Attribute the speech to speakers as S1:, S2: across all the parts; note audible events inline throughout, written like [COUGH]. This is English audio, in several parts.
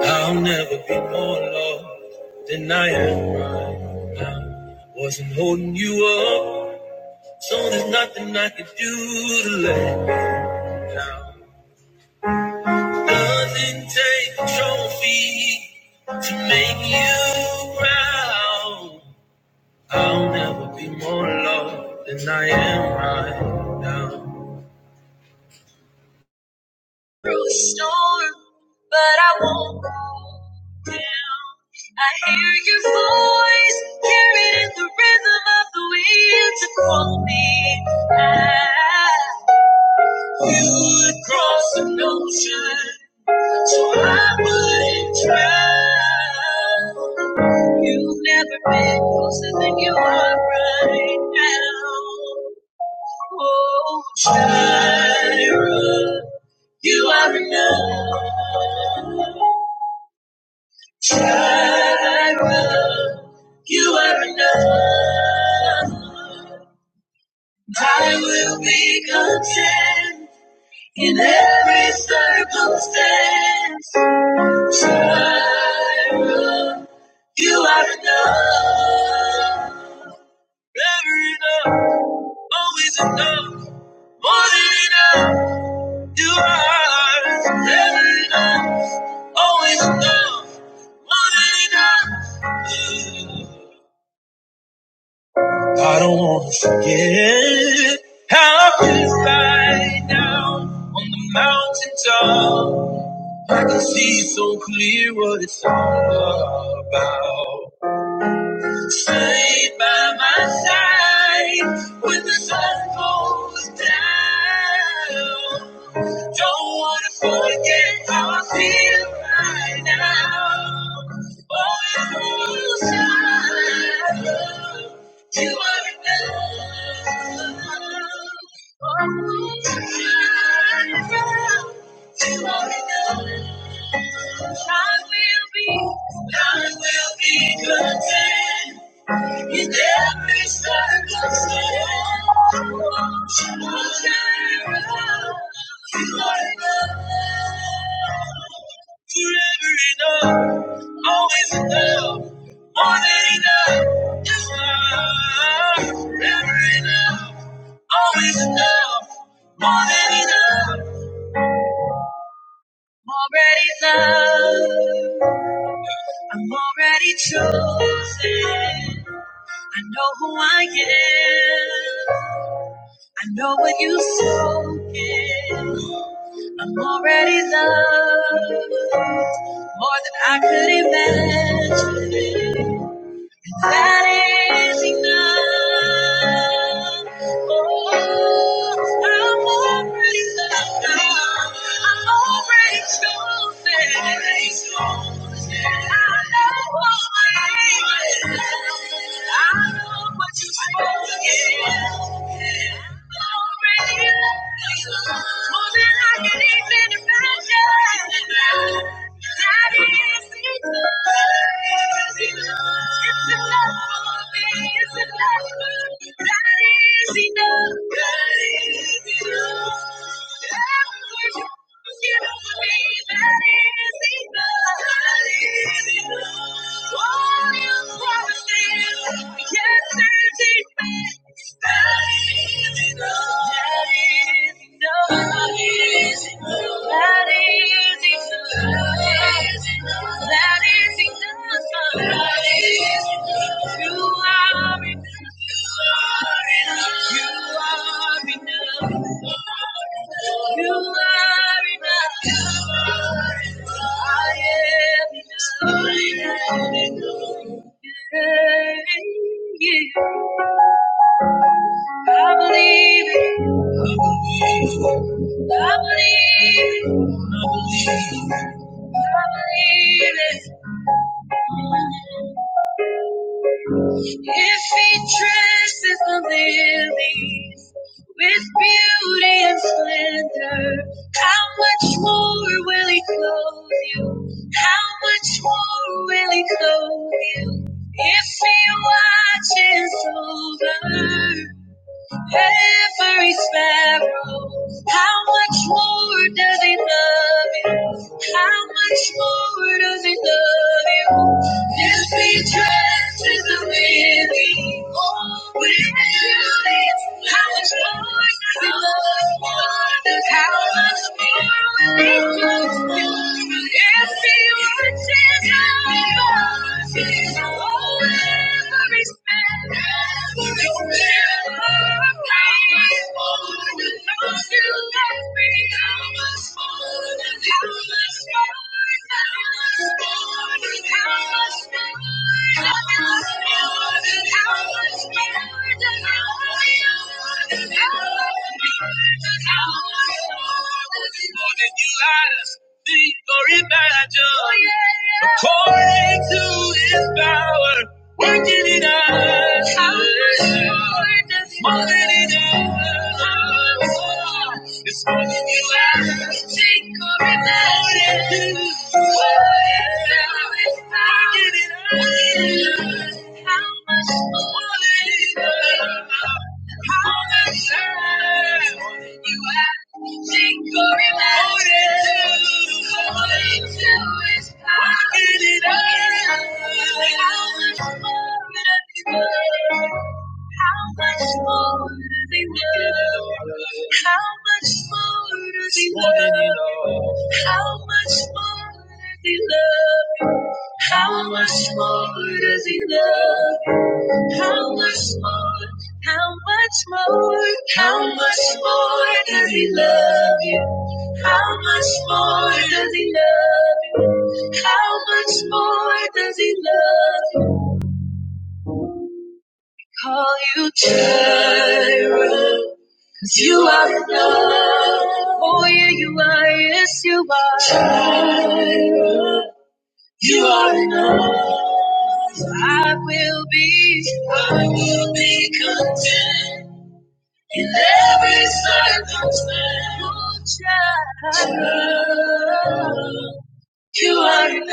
S1: I'll never be more loved than I am right now. Wasn't holding you up, so there's nothing I could do to let you down. Doesn't take a trophy to make you proud. I'll never be more loved than I am right now. through a storm, but I won't go down. I hear your voice, hear it in the rhythm of the wind to call me out. You would cross an ocean, so I wouldn't drown. You've never been closer than you are right now. Oh, Jireh, you are enough. I will. You are enough. I will be content in every circumstance. Jireh, you are enough. Never enough, always enough. More than enough, you are. Never enough, always enough. More than enough. I don't want to forget how I feel right now on the mountaintop. I can see so clear what it's all about. Stay by my side when the sun goes down. Don't wanna forget how I feel right now. Oh, inside, you are enough. Oh, inside, you are enough. I will be, I will be content. In every circumstance, forever enough, always enough, more than enough. Yes, I forever enough, always enough, more than enough. I'm already loved. I'm already chosen. I know who I am. I know what you've spoken. I'm already loved more than I could imagine. That is enough. Oh, I'm already loved. I'm already chosen. I know what I am. I know what you've spoken. I'm already loved. More than I can even imagine. Yes, that is enough. That is enough. Not easy, not easy to love. Not easy to find. Not easy. You are enough. You are enough. You are enough. I am enough. Yeah, yeah. I believe it. I believe, I believe it. If he dresses the lilies with beauty and splendor, how much more will he clothe you? How much more will he clothe you? If he watches over Every sparrow, how much more does he love you? How much more does he love you? If he dresses the lily, will you? How much more does he love you? How much more will he love you? If he watches how he watches. How much more than you lied us? Or imagine, according to his power, working in us. More than enough. It's more than you ask. Think or imagine. Working in us. How much more than enough. How much more? You are single, remember to hold to His power. Working it out. How much more does He love? How much more does he love? How much more does he love? How much more does he love? How much more does he love? How much more? How much more? How much more does he love you? How much more does he love you? How much more does he love you? Call you Jireh, 'cause you are enough. Oh yeah, you are. Yes, you are. Jireh, you are enough. I will be, I will be content. In every circumstance, you are enough.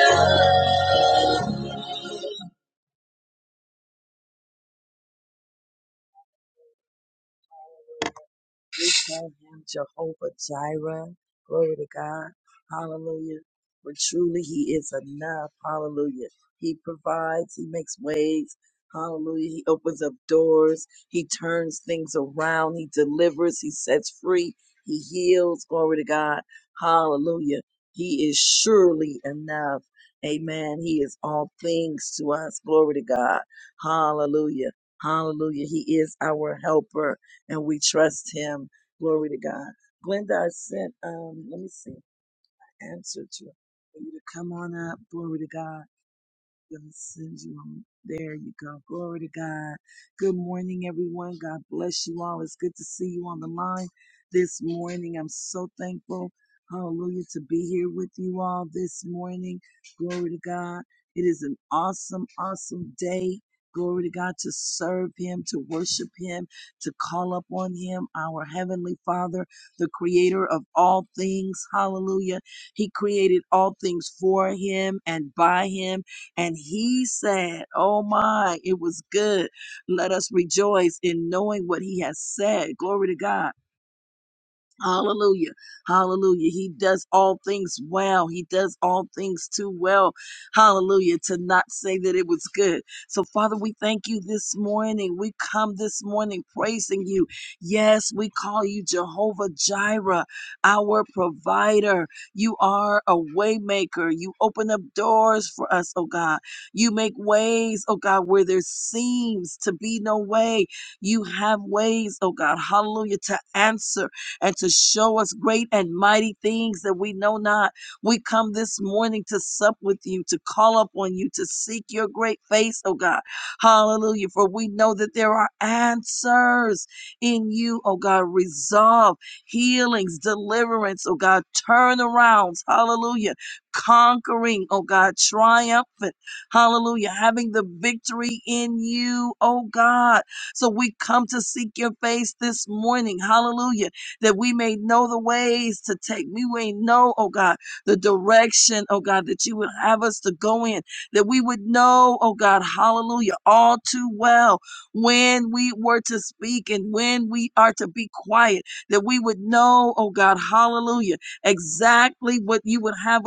S1: triumphant. Hallelujah. Having the victory in you, oh God. So we come to seek your face this morning. Hallelujah. That we may know the ways to take. We may know, oh God, the direction, oh God, that you would have us to go in. That we would know, oh God, hallelujah, all too well when we were to speak and when we are to be quiet. That we would know, oh God, hallelujah, exactly what you would have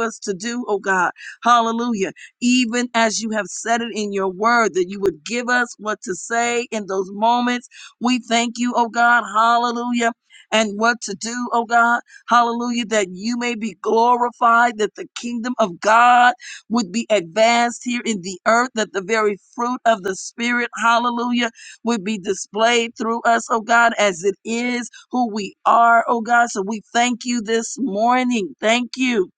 S1: the Spirit. Hallelujah would be displayed through us, oh God, as it is who we are. Thank you this morning. Thank you.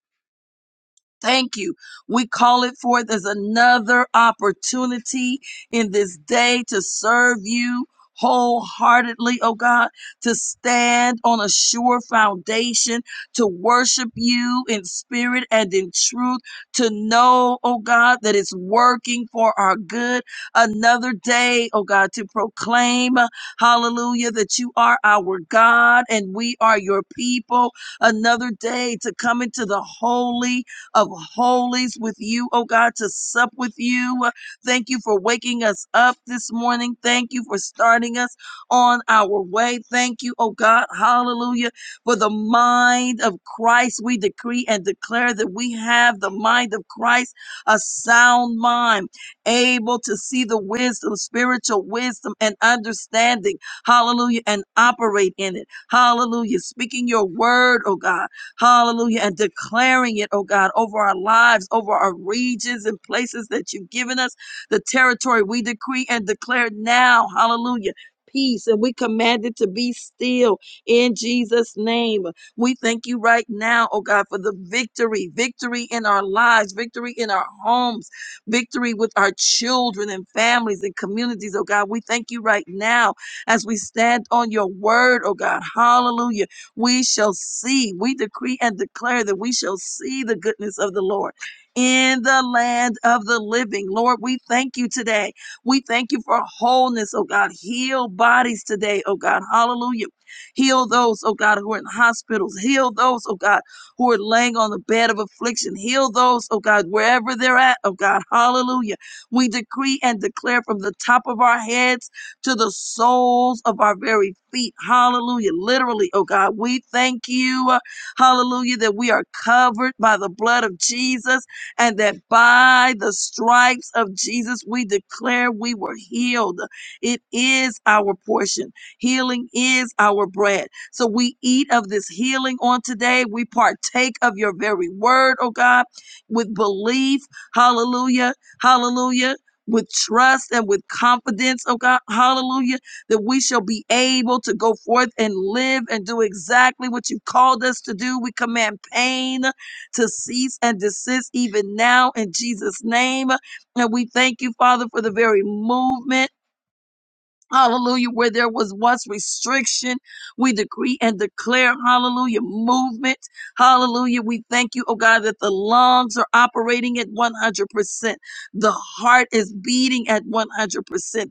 S1: Thank you. We call it forth as another opportunity in this day to serve you wholeheartedly, oh God, to stand on a sure foundation, to worship you in spirit and in truth, to know, oh God, that it's working for our good another day, oh God, to proclaim, hallelujah, that you are our God and we are your people. Another day to come into the holy of holies with you, oh God, to sup with you. Thank you for waking us up this morning. Thank you for starting us on our way. Thank you, oh God, hallelujah, for the mind of Christ. We decree and declare that we have the mind of Christ a sound mind, able to see the wisdom, spiritual wisdom and understanding. Hallelujah. And operate in it. Hallelujah. Speaking your word, oh God. Hallelujah. And declaring it, oh God, over our lives, over our regions and places that you've given us, territory we decree and declare now. Hallelujah peace and we command it to be still in Jesus' name. We thank you right now, oh God, for the victory, victory in our lives, victory in our homes, victory with our children and families and communities, oh God. We thank you right now as we stand on your word, oh God. Hallelujah. We shall see, we decree and declare that we shall see the goodness of the Lord. In the land of the living. Lord, we thank you today. We thank you for wholeness, oh God. Heal bodies today, oh God. Hallelujah. Heal those, oh God, who are in hospitals. Heal those, oh God who are laying on the bed of affliction. Heal those, oh God, wherever they're at, oh God. Hallelujah. We decree and declare from the top of our heads to the soles of our very feet. Hallelujah. Literally, oh God, we thank you. Hallelujah, that we are covered by the blood of Jesus and that by the stripes of Jesus, we declare we were healed. It is our portion. Healing is our bread. So we eat of this healing on today. We partake of your very word, oh God, with belief. Hallelujah. Hallelujah. With trust and with confidence, oh God, hallelujah, that we shall be able to go forth and live and do exactly what you've called us to do. We command pain to cease and desist even now in Jesus' name. And we thank you, Father, for the very movement. Hallelujah. Where there was once restriction, we decree and declare, hallelujah, movement. Hallelujah. We thank you, oh God, that the lungs are operating at 100%. The heart is beating at 100%.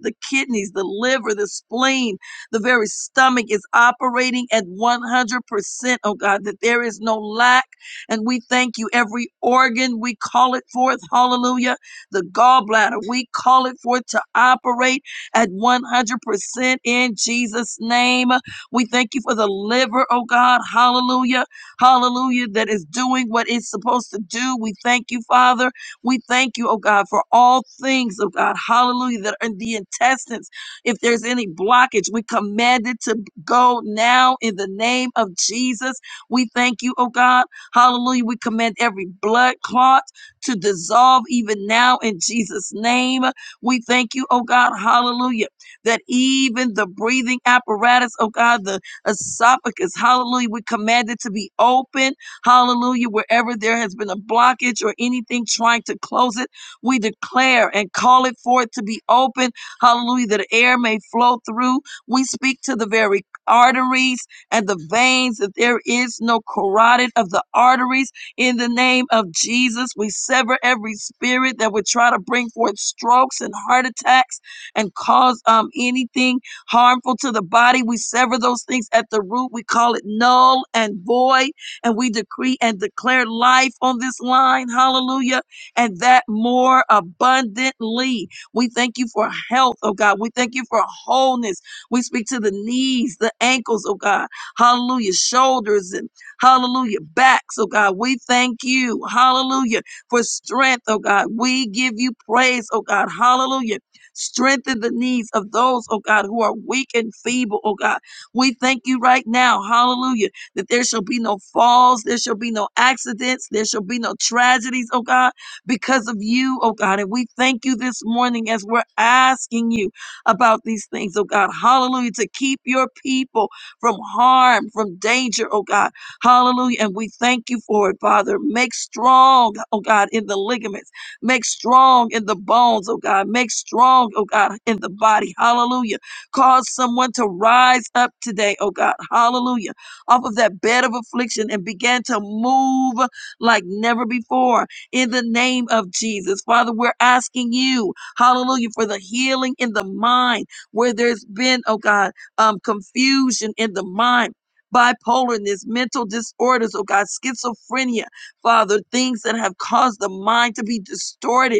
S1: The kidneys, the liver, the spleen, the very stomach is operating at 100%, oh God, that there is no lack. And we thank you. Every organ, we call it forth. Hallelujah. The gallbladder, we call it forth to operate at 100% in Jesus' name. We thank you for the liver, oh God. Hallelujah. Hallelujah. That is doing what it's supposed to do. We thank you, Father. We thank you, oh God, for all things, oh God. Hallelujah. That are in the intestines. If there's any blockage, we command it to go now in the name of Jesus. We thank you, oh God. Hallelujah. We command every blood clot to dissolve even now in Jesus' name. We thank you, oh God, hallelujah, that even the breathing apparatus, oh God, the esophagus, hallelujah, we command it to be open, hallelujah, wherever there has been a blockage or anything trying to close it, we declare and call it for it to be open, hallelujah, that air may flow through. We speak to the very arteries and the veins that there is no carotid of the arteries in the name of Jesus, we sever every spirit that would try to bring forth strokes and heart attacks and cause um, anything harmful to the body. We sever those things at the root. We call it null and void. And we decree and declare life on this line. Hallelujah. And that more abundantly. We thank you for health, oh God. We thank you for wholeness. We speak to the knees, the ankles, oh God. Hallelujah. Shoulders and Hallelujah. Backs, oh God, we thank you. Hallelujah. For strength, oh God. We give you praise, oh God. Hallelujah. Strengthen the needs of those, oh God, who are weak and feeble, oh God. We thank you right now, hallelujah, that there shall be no falls, there shall be no accidents, there shall be no tragedies, oh God, because of you, oh God. And we thank you this morning as we're asking you about these things, oh God. Hallelujah, to keep your people from harm, from danger, oh God. Hallelujah. And we thank you for it, Father. Make strong, oh God, in the ligaments. Make strong in the bones, oh God. Make strong, oh God, in the body. Hallelujah. Cause someone to rise up today, oh God. Hallelujah. Off of that bed of affliction and begin to move like never before in the name of Jesus. Father, we're asking you, hallelujah, for the healing in the mind where there's been, oh God, um, confusion in the mind bipolarness, mental disorders, oh God, schizophrenia, Father, things that have caused the mind to be distorted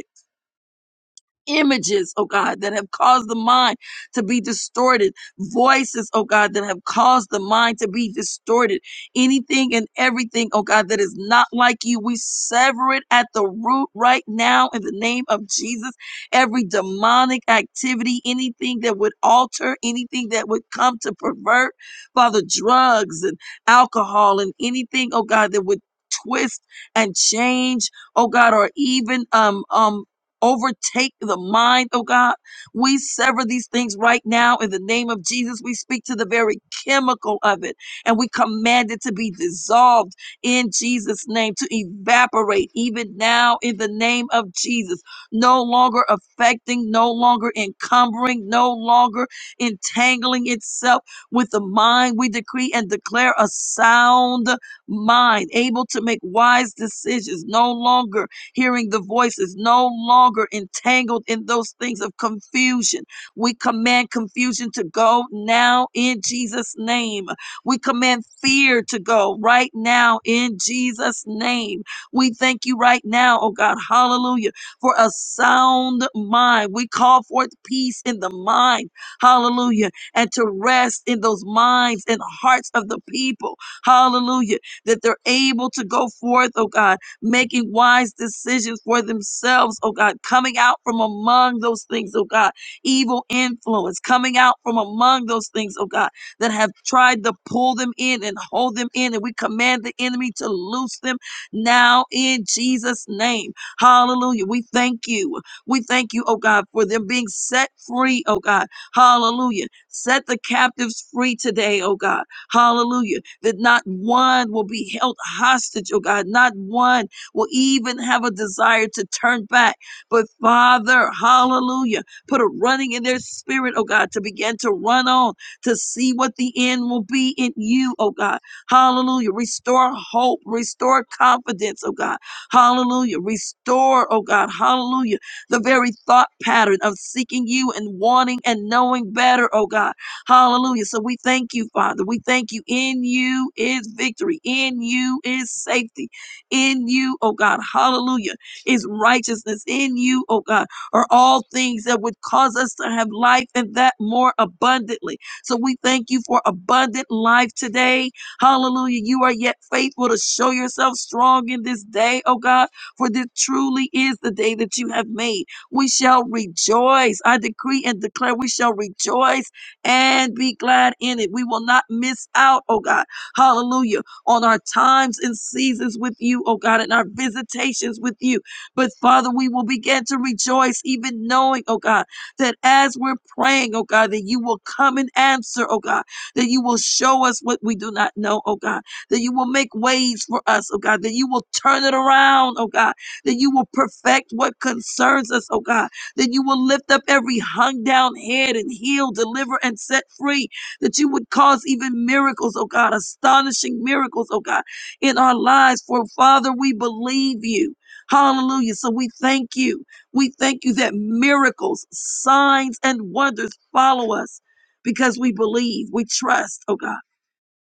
S1: images, oh God, that have caused the mind to be distorted, voices, oh God, that have caused the mind to be distorted, anything and everything, oh God, that is not like you, we sever it at the root right now in the name of Jesus. Every demonic activity, anything that would alter, anything that would come to pervert, Father, drugs and alcohol and anything, oh God, that would twist and change oh God, or even um um overtake the mind, oh God. We sever these things right now in the name of Jesus. We speak to the very chemical of it and we command it to be dissolved in Jesus' name, to evaporate even now in the name of Jesus. No longer affecting, no longer encumbering, no longer entangling itself with the mind. We decree and declare a sound mind, able to make wise decisions, no longer Hearing the voice is no longer entangled in those things of confusion. We command confusion to go now in Jesus' name. We command fear to go right now in Jesus' name. We thank you right now, oh God, hallelujah, for a sound mind. We call forth peace in the mind, hallelujah, and to rest in those minds and hearts of the people, hallelujah, that they're able to go forth, oh God making wise decisions for themselves, oh God, coming out from among those things, oh God, evil influence, coming out from among those things, oh God, that have tried to pull them in and hold them in. And we command the enemy to loose them now in Jesus' name. Hallelujah. We thank you. We thank you, oh God, for them being set free, oh God. Hallelujah. Set the captives free today, oh God. Hallelujah. That not one will be held hostage, oh God. Not one will even have a desire to turn back. But Father, hallelujah, put a running in their spirit, oh God, to begin to run on, to see what the end will be in you, oh God. Hallelujah. Restore hope, restore confidence, oh God. Hallelujah. Restore, oh God, hallelujah, the very thought pattern of seeking you and wanting and knowing better, oh God. Hallelujah. So we thank you, Father. We thank you. In you is victory, in you is safety. In you, oh God, hallelujah, is righteousness. In you, oh God, are all things that would cause us to have life and that more abundantly. So we thank you for abundant life today. Hallelujah. You are yet faithful to show yourself strong in this day, oh God, for this truly is the day that you have made. We shall rejoice. I decree and declare we shall rejoice and be glad in it. We will not miss out, oh God. Hallelujah on our times and seasons with you, oh God, and our visitations with you. But Father, we will begin to rejoice, even knowing, oh God, that as we're praying, oh God, that you will come and answer, oh God, that you will show us what we do not know, oh God, that you will make ways for us, oh God, that you will turn it around, oh God, that you will perfect what concerns us, oh God, that you will lift up every hung down head and heal, deliver, and set free that you would cause even miracles, oh God, astonishing miracles, oh God, in our lives. For Father, we believe you. Hallelujah. So we thank you. We thank you that miracles, signs, and wonders follow us because we believe, we trust, oh God.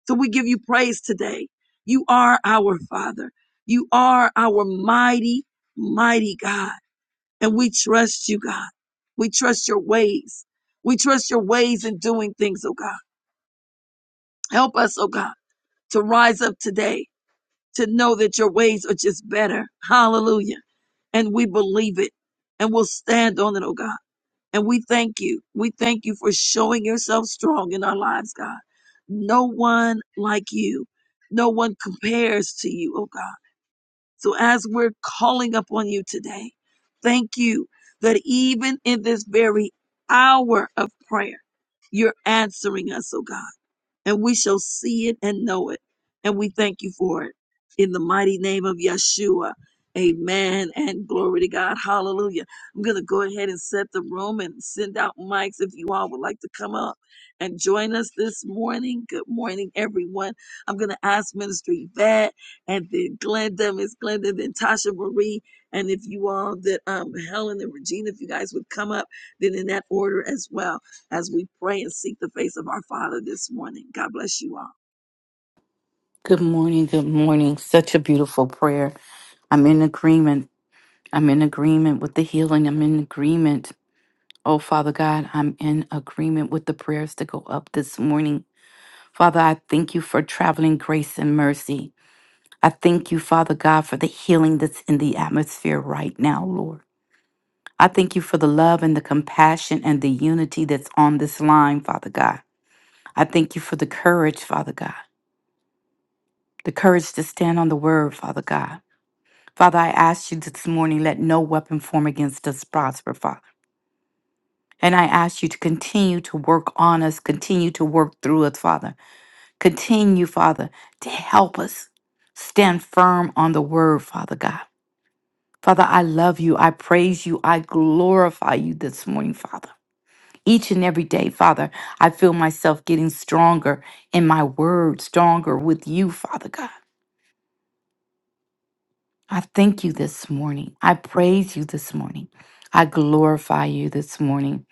S1: So we give you praise today. You are our Father. You are our mighty, mighty God. And we trust you, God. We trust your ways. We trust your ways in doing things, oh God. Help us, oh God, to rise up today to know that your ways are just better. Hallelujah. And we believe it and we'll stand on it, oh God. And we thank you. We thank you for showing yourself strong in our lives, God. No one like you. No one compares to you, oh God. So as we're calling upon you today, thank you that even in this very hour of prayer, you're answering us, oh God and we shall see it and know it. And we thank you for it. In the mighty name of Yeshua. Amen and glory to God. Hallelujah. I'm going to go ahead and set the room and send out mics if you all would like to come up and join us this morning. Good morning, everyone. I'm going to ask Minister Yvette and then Glenda, Miss Glenda, then Tasha Marie. And if you all that, um, Helen and Regina, if you guys would come up then in that order as well as we pray and seek the face of our Father this morning. God bless you
S2: Good morning. Good morning. Such a beautiful prayer. I'm in agreement. I'm in agreement with the healing. I'm in agreement. Oh, Father God, I'm in agreement with the prayers to go up this morning. Father, I thank you for traveling grace and mercy. I thank you, Father God, for the healing that's in the atmosphere right now, Lord. I thank you for the love and the compassion and the unity that's on this line, Father God. I thank you for the courage, Father God, the courage to stand on the word, Father God. Father, I ask you this morning, let no weapon form against us prosper, Father. And I ask you to continue to work on us, continue to work through us, Father. Continue, Father, to help us stand firm on the word, Father God. Father, I love you. I praise you. I glorify you this morning, Father. Each and every day, Father, I feel myself getting stronger in my word, stronger with you, Father God. I thank you this morning. I praise you this morning. I glorify you this morning.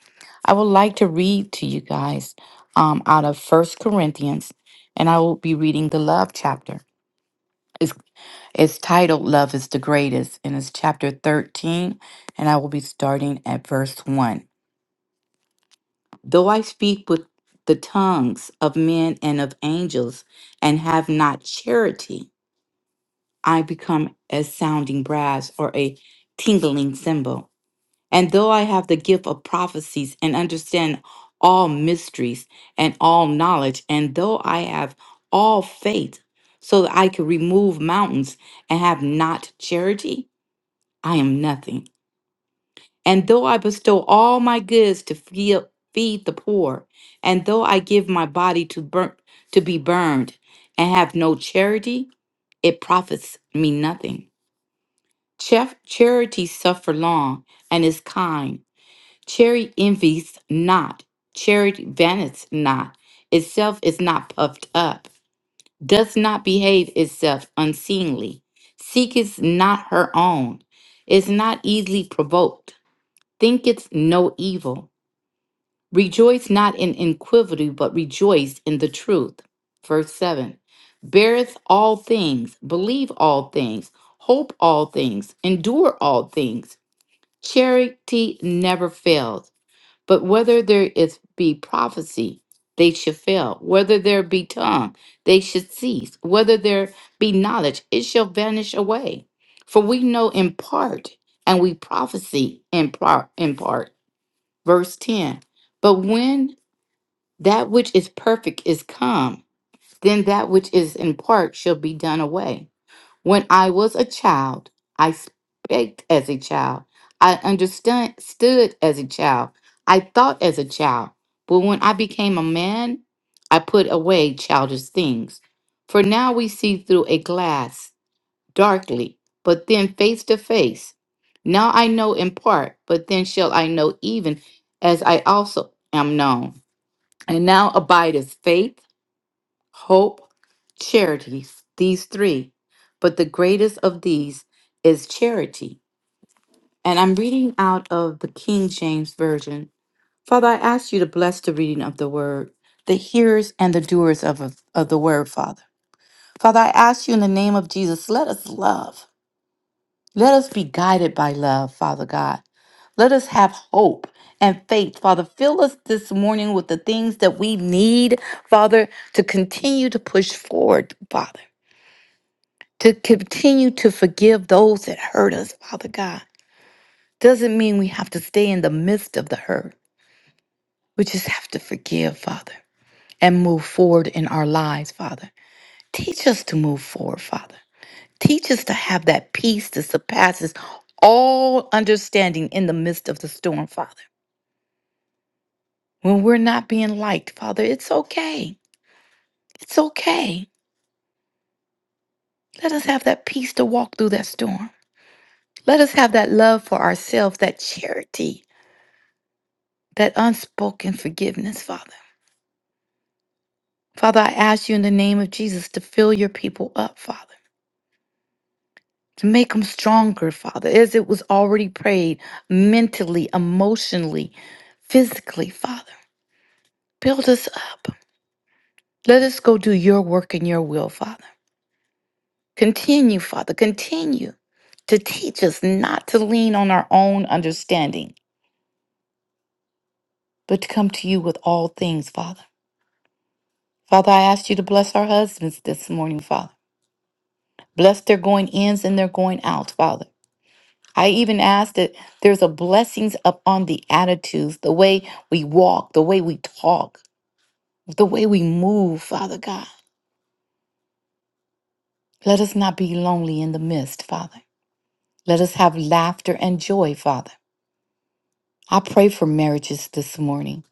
S2: I would like to read to you guys um, out of First Corinthians, and I will be reading the love chapter. It's, it's titled Love is the Greatest, and it's chapter 13, and I will be starting at verse 1. Though I speak with the tongues of men and of angels and have not charity, I become a sounding brass or a tingling cymbal. And though I have the gift of prophecies and understand all mysteries and all knowledge, and though I have all faith so that I could remove mountains and have not charity, I am nothing. And though I bestow all my goods to feed, feed the poor, and though I give my body to burn to be burned and have no charity, it profits me nothing. Char- charity suffer long and is kind Charity envies not, charity vaunteth not, itself is not puffed up, does not behave itself unseemly, seeketh not her own, is not easily provoked, thinketh no evil, rejoice not in iniquity, but rejoice in the truth. Verse 7 Beareth all things, believe all things, hope all things, endure all things. Charity never fails. But whether there is be prophecy, they shall fail. Whether there be tongue, they should cease. Whether there be knowledge, it shall vanish away. For we know in part, and we prophesy in part. In part. Verse 10. But when that which is perfect is come, then that which is in part shall be done away. When I was a child, I spake as a child. I understood stood as a child. I thought as a child. But when I became a man, I put away childish things. For now we see through a glass, darkly, but then face to face. Now I know in part, but then shall I know even as I also am known. And now abideth faith hope, charities, these three. But the greatest of these is charity. And I'm reading out of the King James Version. Father, I ask you to bless the reading of the word, the hearers and the doers of, of, of the word, Father. Father, I ask you in the name of Jesus, let us love. Let us be guided by love, Father God. Let us have hope and faith, Father. Fill us this morning with the things that we need, Father, to continue to push forward, Father. to continue to forgive those that hurt us, Father God, doesn't mean we have to stay in the midst of the hurt. We just have to forgive, Father, and move forward in our lives, Father. Teach us to move forward, Father. Teach us to have that peace that surpasses all understanding in the midst of the storm, Father. When we're not being liked, Father, it's okay. It's okay. Let us have that peace to walk through that storm. Let us have that love for ourselves, that charity that unspoken forgiveness, Father. Father, I ask you in the name of Jesus to fill your people up, Father, to make them stronger, Father, as it was already prayed mentally, emotionally, physically, Father. Build us up. Let us go do your work and your will, Father. Continue, Father, continue to teach us not to lean on our own understanding, but to come to you with all things, Father. Father, I ask you to bless our husbands this morning, Father. Bless their going ins and their going out, Father. I even ask that there's a blessings upon the attitudes, the way we walk, the way we talk, the way we move, Father God. Let us not be lonely in the midst, Father. Let us have laughter and joy, Father. I pray for marriages this morning.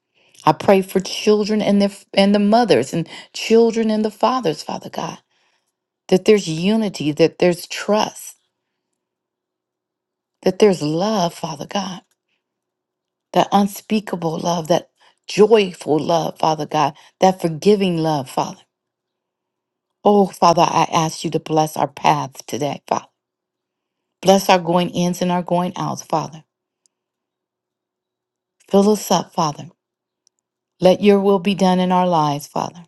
S2: I pray for children and their and the mothers and children and the fathers, Father God. That there's unity, that there's trust, that there's love, Father God. that unspeakable love, that joyful love, Father God, that forgiving love, Father. Oh, Father, I ask you to bless our paths today, Father. Bless our going ins and our going outs, Father. Fill us up, Father. Let your will be done in our lives, Father.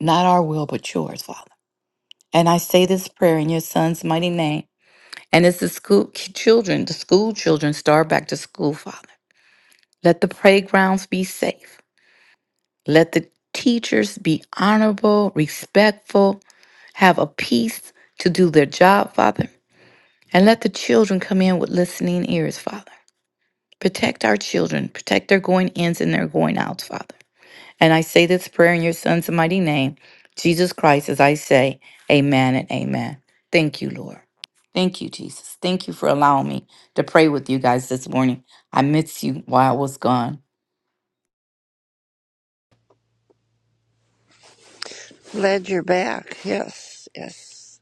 S2: Not our will, but yours, Father. And I say this prayer in your son's mighty name. And as the school children, the school children start back to school, Father. Let the playgrounds be safe. Let the teachers be honorable, respectful, have a peace to do their job, Father, and let the children come in with listening ears, Father. Protect our children, protect their going ins and their going outs, Father. And I say this prayer in your Son's mighty name, Jesus Christ, as I say, Amen and Amen. Thank you, Lord. Thank you, Jesus. Thank you for allowing me to pray with you guys this morning. I miss you while I was gone.
S3: Glad you're back. Yes, yes.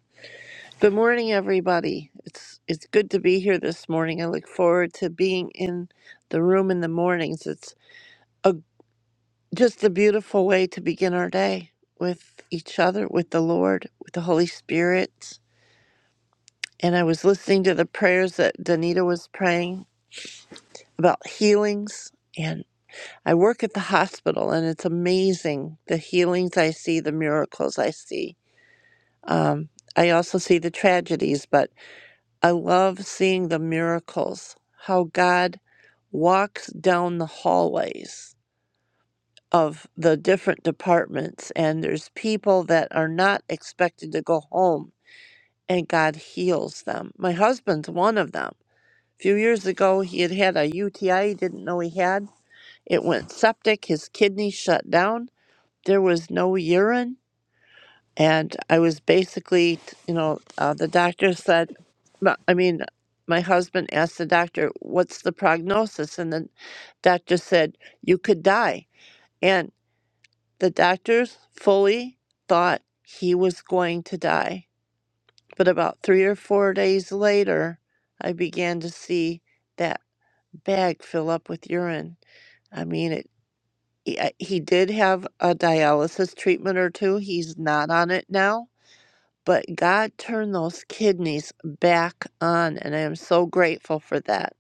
S3: Good morning, everybody. It's it's good to be here this morning. I look forward to being in the room in the mornings. It's a just a beautiful way to begin our day with each other, with the Lord, with the Holy Spirit. And I was listening to the prayers that Danita was praying about healings. And I work at the hospital, and it's amazing the healings I see, the miracles I see. Um, I also see the tragedies, but I love seeing the miracles, how God walks down the hallways of the different departments, and there's people that are not expected to go home, and God heals them. My husband's one of them. A few years ago, he had had a UTI he didn't know he had. It went septic, his kidneys shut down, there was no urine and I was basically, you know, uh, the doctor said, no, I mean, my husband asked the doctor, "What's the prognosis?" and the doctor said, "You could die." And the doctors fully thought he was going to die. But about three or four days later, I began to see that bag fill up with urine. I mean, it, he, I- he did have a dialysis treatment or two. He's not on it now but God turned those kidneys back on, and I am so grateful for that.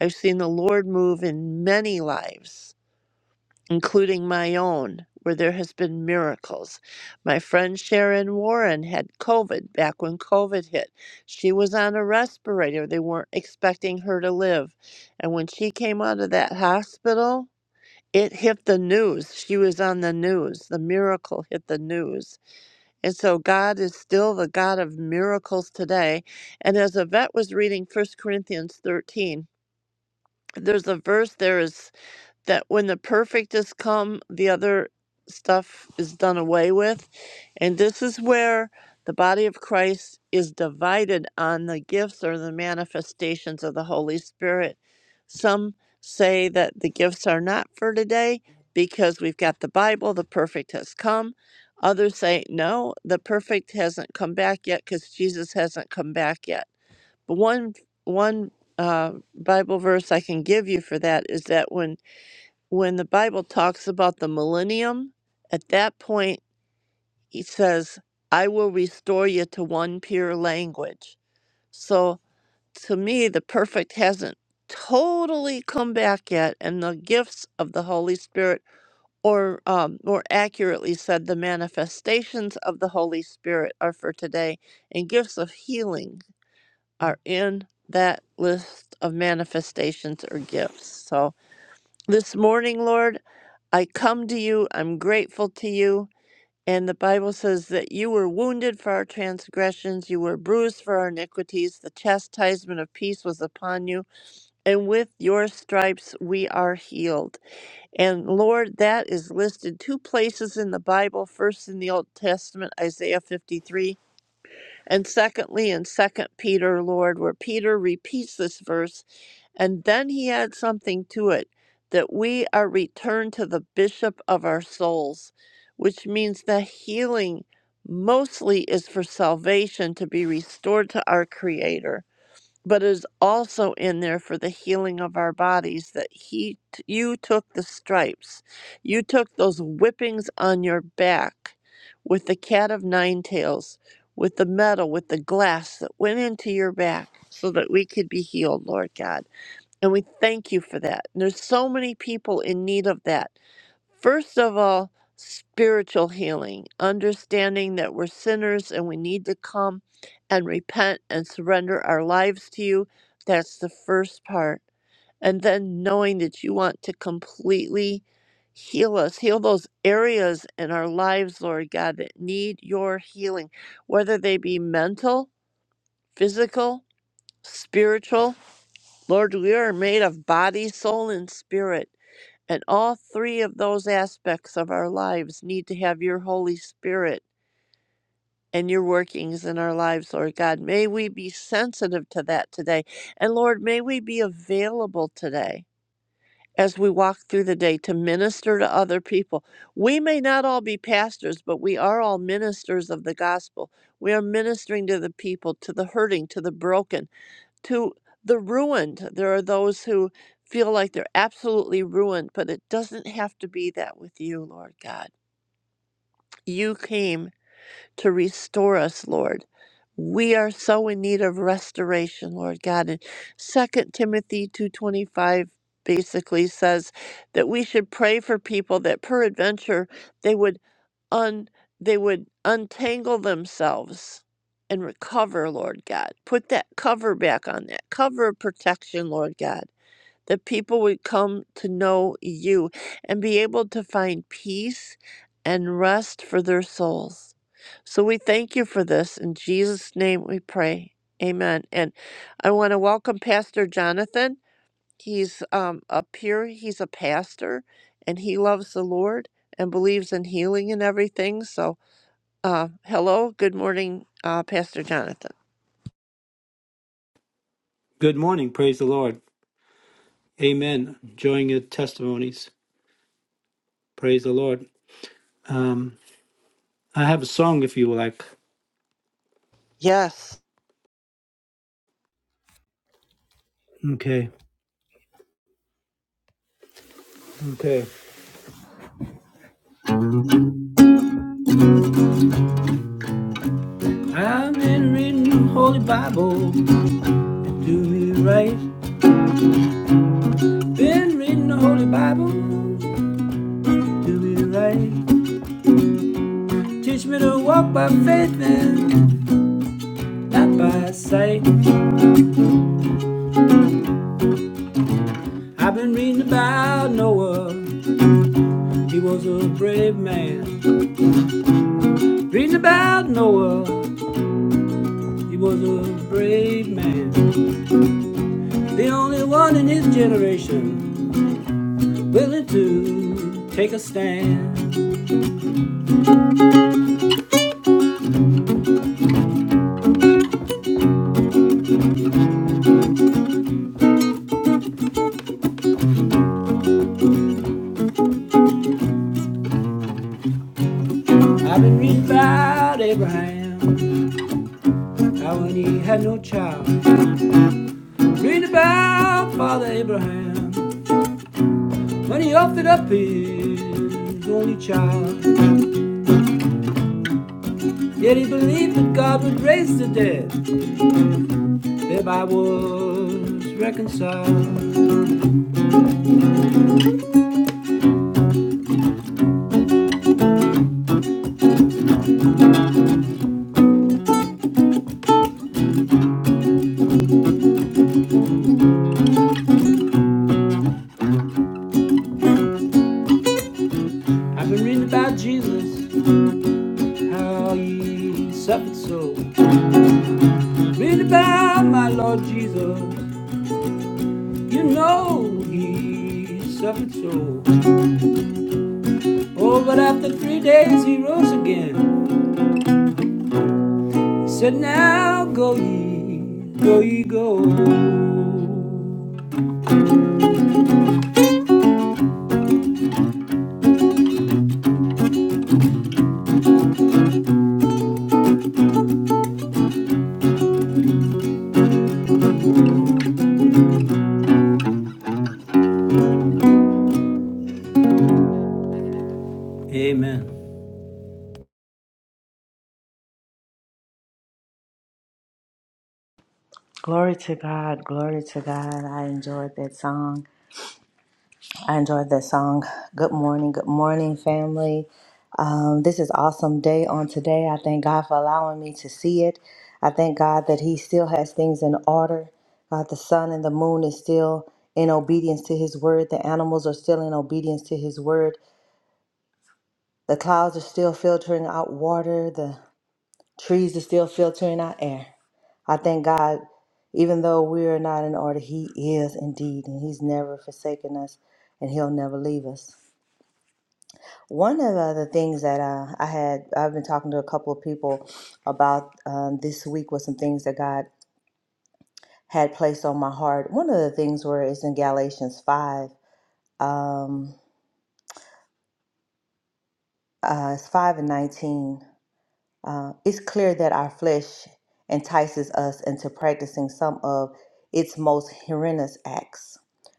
S3: I've seen the Lord move in many lives, including my own, where there has been miracles. My friend Sharon Warren had COVID back when COVID hit. She was on a respirator. They weren't expecting her to live. And when she came out of that hospital, it hit the news. She was on the news. The miracle hit the news and so God is still the God of miracles today. And as Yvette was reading First Corinthians 13, there's a verse there is that when the perfect has come, the other stuff is done away with. And this is where the body of Christ is divided on the gifts or the manifestations of the Holy Spirit. Some say that the gifts are not for today because we've got the Bible, the perfect has come. Others say, no, the perfect hasn't come back yet because Jesus hasn't come back yet. But one, one uh, Bible verse I can give you for that is that when when the Bible talks about the millennium, at that point, he says, I will restore you to one pure language. So to me, the perfect hasn't totally come back yet, and the gifts of the Holy Spirit, or um, more accurately said, the manifestations of the Holy Spirit are for today, and gifts of healing are in that list of manifestations or gifts. So this morning, Lord. I come to you, I'm grateful to you. And the Bible says that you were wounded for our transgressions, you were bruised for our iniquities, the chastisement of peace was upon you, and with your stripes we are healed. And Lord, that is listed two places in the Bible, first in the Old Testament, Isaiah 53, and secondly in Second Peter, Lord, where Peter repeats this verse and then he adds something to it that we are returned to the bishop of our souls, which means that healing mostly is for salvation to be restored to our creator, but is also in there for the healing of our bodies that he you took the stripes. You took those whippings on your back with the cat of nine tails, with the metal, with the glass that went into your back so that we could be healed, Lord God. And we thank you for that. And there's so many people in need of that. First of all, spiritual healing, understanding that we're sinners and we need to come and repent and surrender our lives to you. That's the first part. And then knowing that you want to completely heal us, heal those areas in our lives, Lord God, that need your healing, whether they be mental, physical, spiritual Lord, we are made of body, soul, and spirit, and all three of those aspects of our lives need to have your Holy Spirit and your workings in our lives, Lord God. May we be sensitive to that today. And Lord, may we be available today as we walk through the day to minister to other people. We may not all be pastors, but we are all ministers of the gospel. We are ministering to the people, to the hurting, to the broken to the ruined. There are those who feel like they're absolutely ruined, but it doesn't have to be that with you, Lord God. You came to restore us, Lord. We are so in need of restoration, Lord God. And 2 Timothy 2:25 basically says that we should pray for people that peradventure they would un they would untangle themselves and recover, Lord God. Put that cover back on that cover of protection, Lord God, that people would come to know you and be able to find peace and rest for their souls. So we thank you for this. In Jesus' name we pray. Amen. And I want to welcome Pastor Jonathan. He's um, up here, he's a pastor, and he loves the Lord and believes in healing and everything. So, uh, hello, good morning, uh, Pastor Jonathan.
S4: Good morning. Praise the Lord. Amen. Enjoying your testimonies. Praise the Lord. Um, I have a song if you like.
S3: Yes.
S4: Okay. Okay. I've been reading the Holy Bible. Do me right. Been reading the Holy Bible. Do me right. Teach me to walk by faith and not by sight. I've been reading about Noah. He was a brave man. Reading about Noah. He was a brave man. The only one in his generation willing to take a stand. I've been reading about Abraham, how when he had no child. Reading about Father Abraham, when he offered up his only child. Yet he believed that God would raise the dead, thereby was reconciled. I've been reading about Jesus, how he suffered so. Reading about my Lord Jesus. You know he suffered so. Oh, but after three days he rose again. He said, Now go ye, go ye, go. Amen.
S5: Glory to God, glory to God. I enjoyed that song. I enjoyed that song. Good morning, good morning, family. Um, this is awesome day on today. I thank God for allowing me to see it. I thank God that He still has things in order. God, the sun and the moon is still in obedience to His word. The animals are still in obedience to His word. The clouds are still filtering out water. The Trees are still filtering our air. I thank God, even though we are not in order, He is indeed, and He's never forsaken us, and He'll never leave us. One of the other things that uh, I had, I've been talking to a couple of people about um, this week was some things that God had placed on my heart. One of the things where it's in Galatians 5, um, uh, it's 5 and 19. Uh, it's clear that our flesh entices us into practicing some of its most horrendous acts,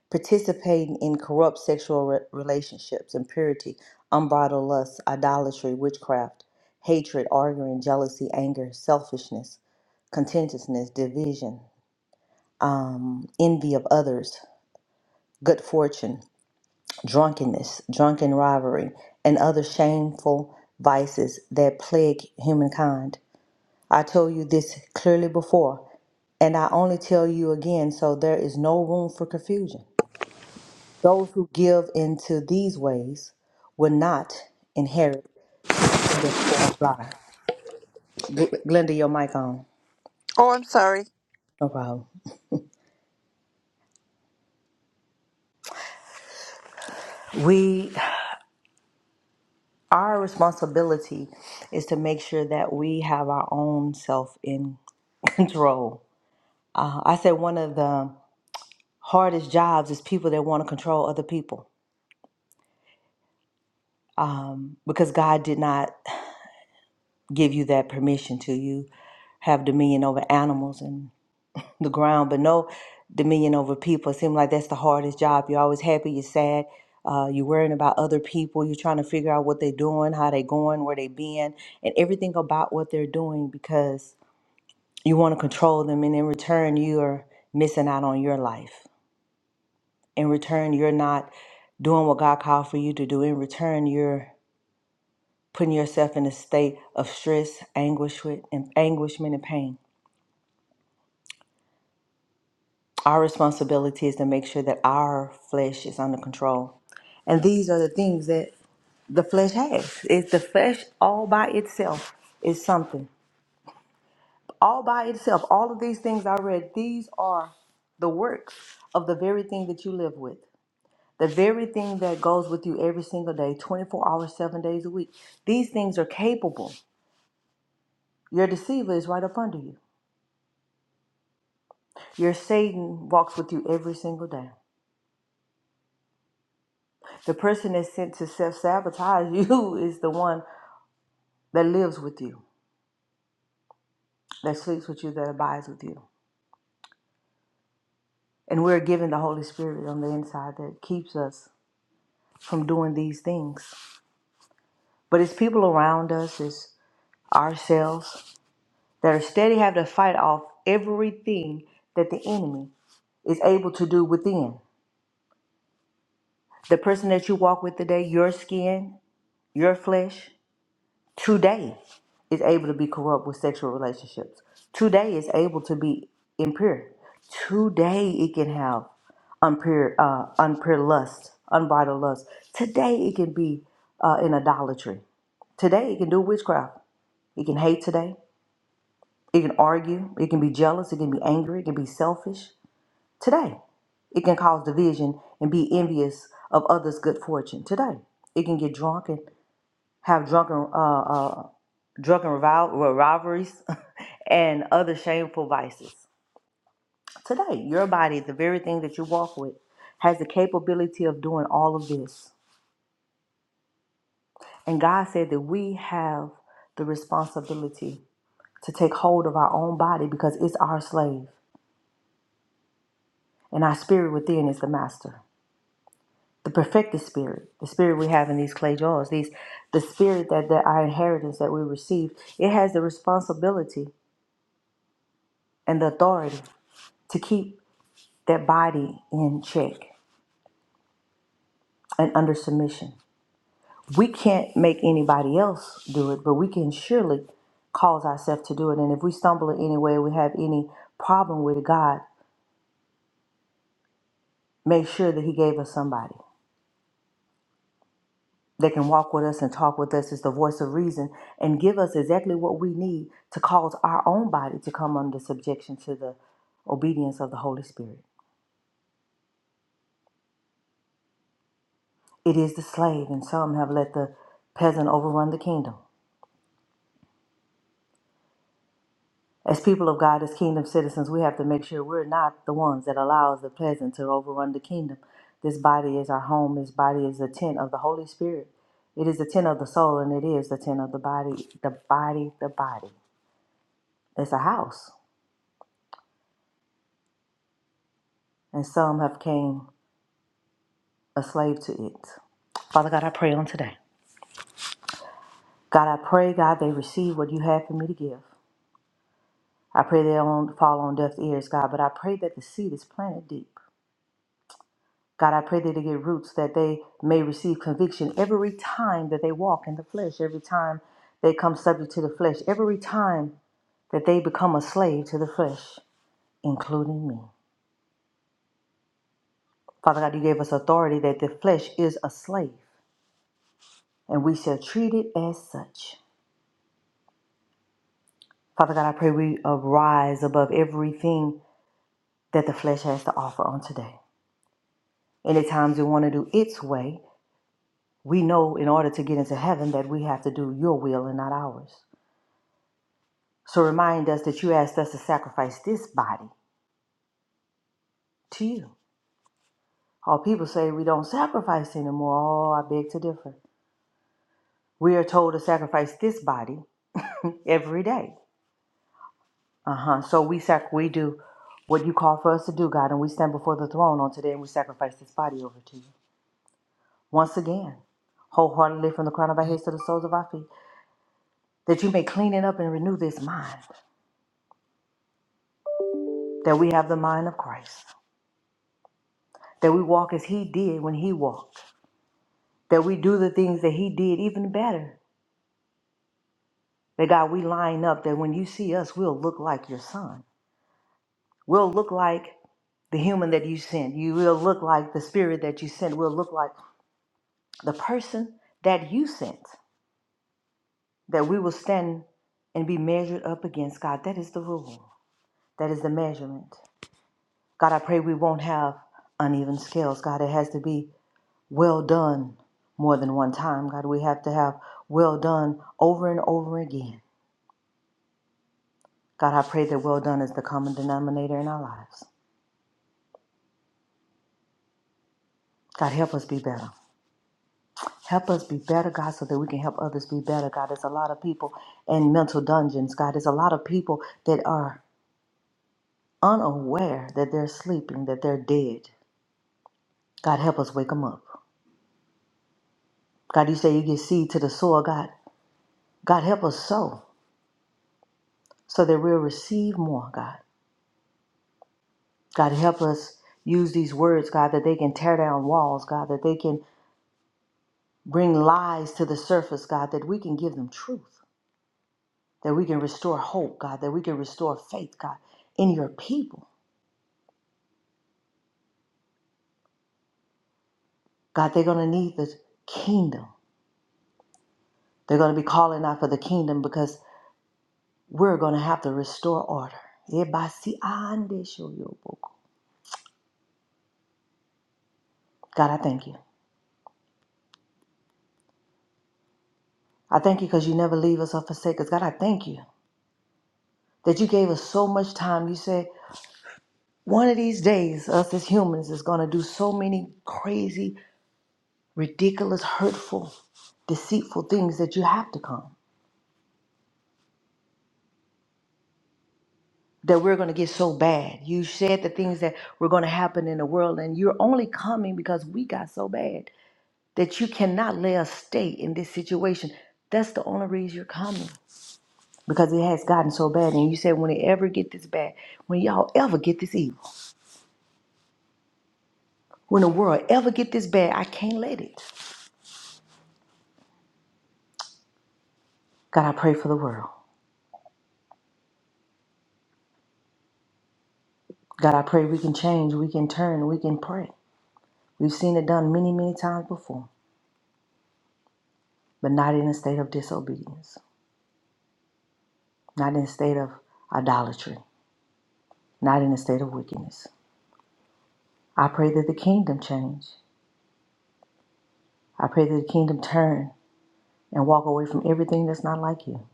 S5: participating in corrupt sexual re- relationships, impurity, unbridled lust, idolatry, witchcraft, hatred, arguing, jealousy, anger, selfishness, contentiousness, division, um, envy of others, good fortune, drunkenness, drunken rivalry, and other shameful vices that plague humankind. I told you this clearly before, and I only tell you again, so there is no room for confusion. Those who give into these ways will not inherit the kingdom of God. Gl- Glenda, your mic on.
S3: Oh, I'm sorry.
S5: No problem. We, our responsibility is to make sure that we have our own self in [LAUGHS] control. Uh, I said one of the hardest jobs is people that want to control other people um, because God did not give you that permission to you. have dominion over animals and the ground, but no dominion over people. It seems like that's the hardest job. You're always happy, you're sad, uh, you're worrying about other people, you're trying to figure out what they're doing, how they going, where they been, and everything about what they're doing because you want to control them. And in return, you're missing out on your life. In return, you're not doing what God called for you to do. In return, you're putting yourself in a state of stress, anguish, and anguishment, and pain Our responsibility is to make sure that our flesh is under control. And these are the things that the flesh has. It's the flesh all by itself is something. All by itself. All of these things I read, these are the works of the very thing that you live with. The very thing that goes with you every single day, 24 hours, seven days a week. These things are capable. Your deceiver is right up under you. Your Satan walks with you every single day. The person that's sent to self sabotage [LAUGHS] you is the one that lives with you, that sleeps with you, that abides with you. And we're given the Holy Spirit on the inside that keeps us from doing these things. But it's people around us, it's ourselves that are steady have to fight off everything that the enemy is able to do within. The person that you walk with today, your skin, your flesh, today is able to be corrupt with sexual relationships. Today is able to be impure. Today it can have unpure, uh, unpure lust, unbridled lust. Today it can be uh, in idolatry. Today it can do witchcraft. It can hate today. It can argue. It can be jealous. It can be angry. It can be selfish. Today it can cause division and be envious of others' good fortune. Today it can get drunk and have drunken uh, uh, drunken revol- well, rivalries [LAUGHS] and other shameful vices. Today, your body, the very thing that you walk with, has the capability of doing all of this. And God said that we have the responsibility to take hold of our own body because it's our slave and our spirit within is the master. The perfected spirit, the spirit we have in these clay jars, these the spirit that, that our inheritance that we receive, it has the responsibility and the authority to keep that body in check and under submission. We can't make anybody else do it, but we can surely cause ourselves to do it. And if we stumble in any way, we have any problem with God, make sure that He gave us somebody that can walk with us and talk with us as the voice of reason and give us exactly what we need to cause our own body to come under subjection to the obedience of the Holy Spirit. It is the slave, and some have let the peasant overrun the kingdom. As people of God, as kingdom citizens, we have to make sure we're not the ones that allows the pleasant to overrun the kingdom. This body is our home. This body is the tent of the Holy Spirit. It is the tent of the soul, and it is the tent of the body. The body, the body. It's a house, and some have came a slave to it. Father God, I pray on today. God, I pray, God, they receive what you have for me to give. I pray they don't fall on deaf ears, God, but I pray that the seed is planted deep. God, I pray that they get roots, that they may receive conviction every time that they walk in the flesh, every time they come subject to the flesh, every time that they become a slave to the flesh, including me. Father God, you gave us authority that the flesh is a slave, and we shall treat it as such. Father God, I pray we arise above everything that the flesh has to offer on today. Any times we want to do its way, we know in order to get into heaven that we have to do your will and not ours. So remind us that you asked us to sacrifice this body to you. All people say we don't sacrifice anymore. Oh, I beg to differ. We are told to sacrifice this body every day. Uh huh. So we sac- we do what you call for us to do, God, and we stand before the throne on today and we sacrifice this body over to you once again, wholeheartedly from the crown of our heads to the soles of our feet, that you may clean it up and renew this mind, that we have the mind of Christ, that we walk as He did when He walked, that we do the things that He did even better That God, we line up that when you see us, we'll look like your son. We'll look like the human that you sent. You will look like the spirit that you sent. We'll look like the person that you sent. That we will stand and be measured up against God. That is the rule. That is the measurement. God, I pray we won't have uneven scales. God, it has to be well done more than one time. God, we have to have well done over and over again. God, I pray that well done is the common denominator in our lives. God, help us be better. Help us be better, God, so that we can help others be better. God, there's a lot of people in mental dungeons. God, there's a lot of people that are unaware that they're sleeping, that they're dead. God, help us wake them up. God, you say you give seed to the soil, God. God, help us sow so that we'll receive more, God. God, help us use these words, God, that they can tear down walls, God, that they can bring lies to the surface, God, that we can give them truth. that we can restore hope, God, that we can restore faith, God, in your people. God, they're going to need the kingdom. They're going to be calling out for the kingdom because we're going to have to restore order. God, I thank you. I thank you because you never leave us or forsake us. God, I thank you that you gave us so much time. You said one of these days, us as humans is going to do so many crazy, ridiculous, hurtful, deceitful things that you have to come. that we're going to get so bad. You said the things that were going to happen in the world, and you're only coming because we got so bad that you cannot let us stay in this situation. That's the only reason you're coming because it has gotten so bad. And you said, when it ever get this bad, when y'all ever get this evil, when the world ever get this bad, I can't let it. God, I pray for the world. God, I pray we can change, we can turn, we can pray. We've seen it done many, many times before, but not in a state of disobedience, not in a state of idolatry not in a state of wickedness. I pray that the kingdom change. I pray that the kingdom turn and walk away from everything that's not like you.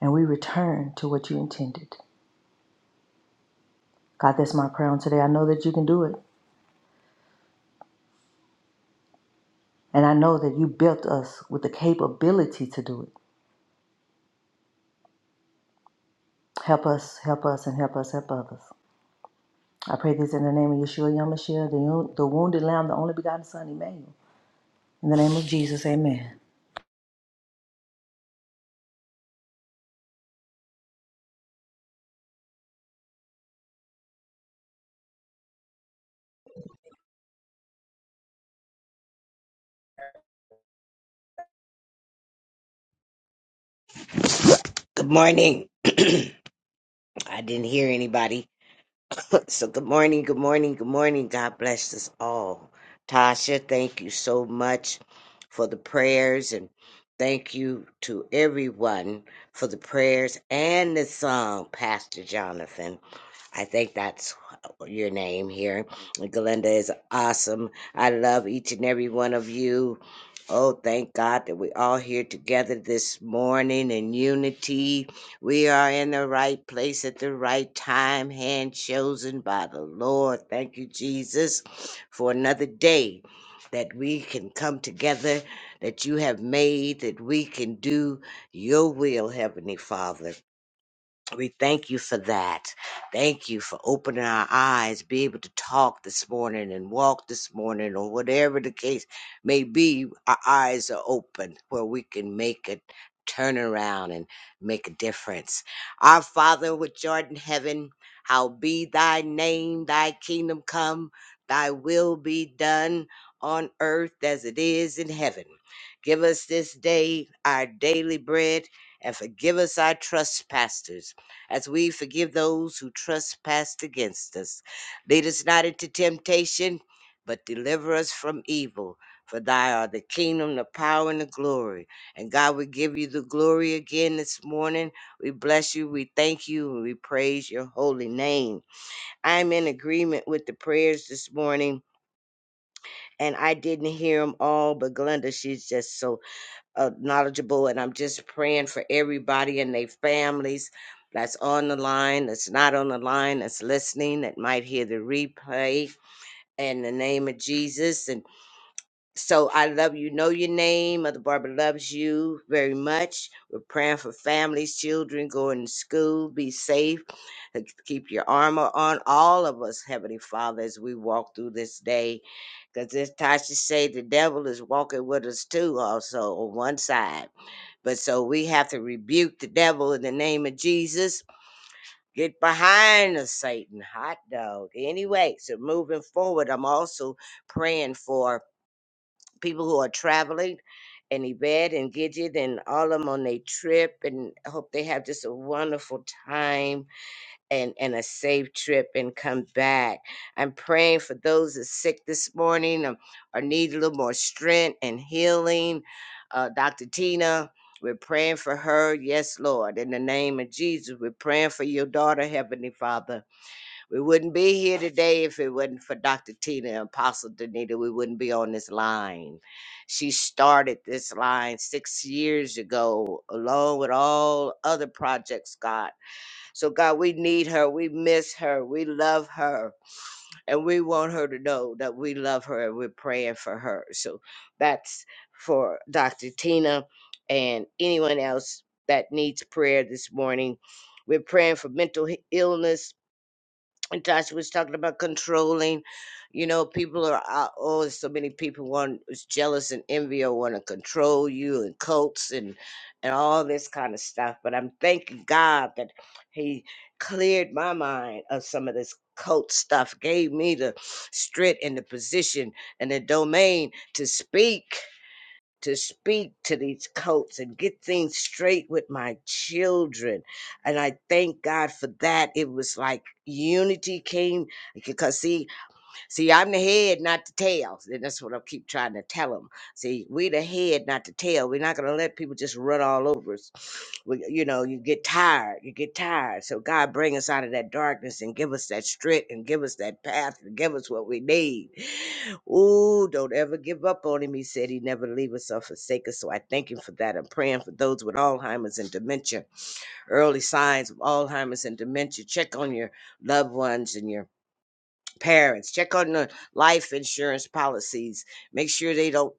S5: And we return to what you intended. God, that's my prayer on today. I know that you can do it. And I know that you built us with the capability to do it. Help us, help us, and help us, help others. I pray this in the name of Yeshua Yamashiach, the, the wounded lamb, the only begotten Son, Emmanuel. In the name of Jesus, amen.
S6: Good morning. [CLEARS THROAT] I didn't hear anybody. [CLEARS THROAT] [LAUGHS] so good morning, good morning, good morning. God bless us all. Tasha, thank you so much for the prayers and thank you to everyone for the prayers and the song, Pastor Jonathan. I think that's your name here. Glenda is awesome. I love each and every one of you. Oh, thank God that we're all here together this morning in unity. We are in the right place at the right time, hand chosen by the Lord. Thank you, Jesus, for another day that we can come together, that you have made, that we can do your will, Heavenly Father. We thank you for that. Thank you for opening our eyes, be able to talk this morning and walk this morning, or whatever the case may be. Our eyes are open where we can make a turnaround and make a difference. Our Father, which art in heaven, how be thy name, thy kingdom come, thy will be done on earth as it is in heaven. Give us this day our daily bread and forgive us our trespasses as we forgive those who trespass against us. Lead us not into temptation, but deliver us from evil. For thy are the kingdom, the power, and the glory. And God, we give you the glory again this morning. We bless you, we thank you, and we praise your holy name. I'm in agreement with the prayers this morning, and I didn't hear them all, but Glenda, she's just so uh, knowledgeable, and I'm just praying for everybody and their families that's on the line, that's not on the line, that's listening, that might hear the replay. In the name of Jesus, and so I love you. Know your name. Mother Barbara loves you very much. We're praying for families, children going to school. Be safe. and Keep your armor on. All of us, Heavenly Father, as we walk through this day. Because as Tasha say, the devil is walking with us too, also on one side. But so we have to rebuke the devil in the name of Jesus. Get behind us, Satan. Hot dog. Anyway, so moving forward, I'm also praying for people who are traveling and Yvette and Gidget and all of them on their trip and I hope they have just a wonderful time and, and a safe trip and come back. I'm praying for those that are sick this morning um, or need a little more strength and healing. Uh, Dr. Tina, we're praying for her. Yes, Lord. In the name of Jesus, we're praying for your daughter, Heavenly Father. We wouldn't be here today if it wasn't for Dr. Tina and Apostle Danita. We wouldn't be on this line. She started this line six years ago, along with all other projects, God. So, God, we need her. We miss her. We love her. And we want her to know that we love her and we're praying for her. So, that's for Dr. Tina and anyone else that needs prayer this morning. We're praying for mental he- illness Tasha was talking about controlling. You know, people are out- oh, so many people want is jealous and envy or want to control you and cults and and all this kind of stuff. But I'm thanking God that He cleared my mind of some of this cult stuff, gave me the strength and the position and the domain to speak to speak to these cults and get things straight with my children. And I thank God for that. It was like unity came because see See, I'm the head, not the tail. And that's what I keep trying to tell them. See, we the head, not the tail. We're not going to let people just run all over us. [SNIFFS] We, you know, you get tired. You get tired. So God bring us out of that darkness and give us that strength and give us that path and give us what we need. Ooh, don't ever give up on him. He said he never leave us or forsake us. So I thank him for that. I'm praying for those with Alzheimer's and dementia, early signs of Alzheimer's and dementia. Check on your loved ones and your Parents, check on the life insurance policies. Make sure they don't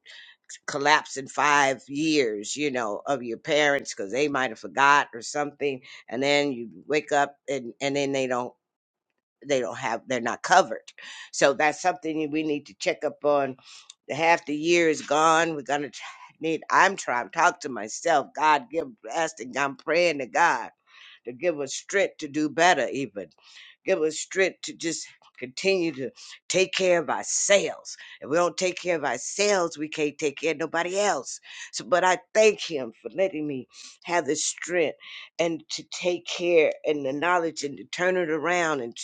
S6: collapse in five years, you know, of your parents because they might have forgot or something. And then you wake up and, and then they don't they don't have they're not covered. So that's something we need to check up on. The half the year is gone. We're gonna t- need I'm trying to talk to myself. God give asking, I'm praying to God to give us strength to do better, even. Give us strength to just continue to take care of ourselves. If we don't take care of ourselves, we can't take care of nobody else. So, but I thank Him for letting me have the strength and to take care and the knowledge and to turn it around and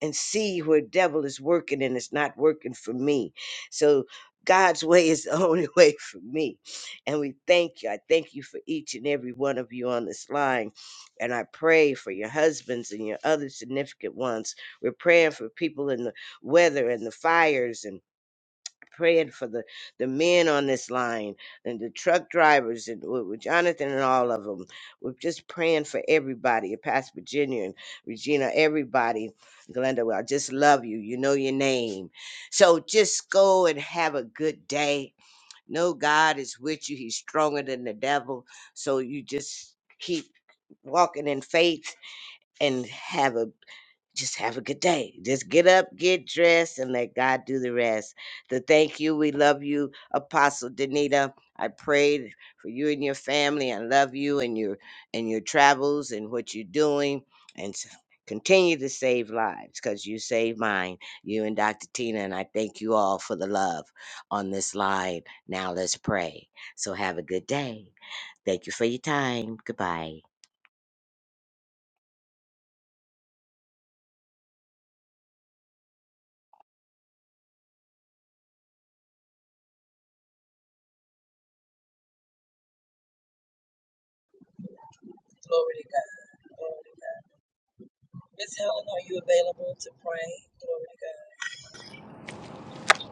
S6: and see where devil is working and it's not working for me. So God's way is the only [LAUGHS] way for me. And we thank you. I thank you for each and every one of you on this line and I pray for your husbands and your other significant ones. We're praying for people in the weather and the fires and praying for the, the men on this line and the truck drivers and with, with Jonathan and all of them. We're just praying for everybody, and Pastor Virginia and Regina, everybody. Glenda, well, I just love you. You know your name. So just go and have a good day. Know God is with you. He's stronger than the devil. So you just keep walking in faith and have a just have a good day. Just get up, get dressed, and let God do the rest. The thank you. We love you, Apostle Danita. I prayed for you and your family. I love you and your and your travels and what you're doing. And s- continue to save lives because you saved mine. You and Dr. Tina. And I thank you all for the love on this line. Now let's pray. So have a good day. Thank you for your time. Goodbye.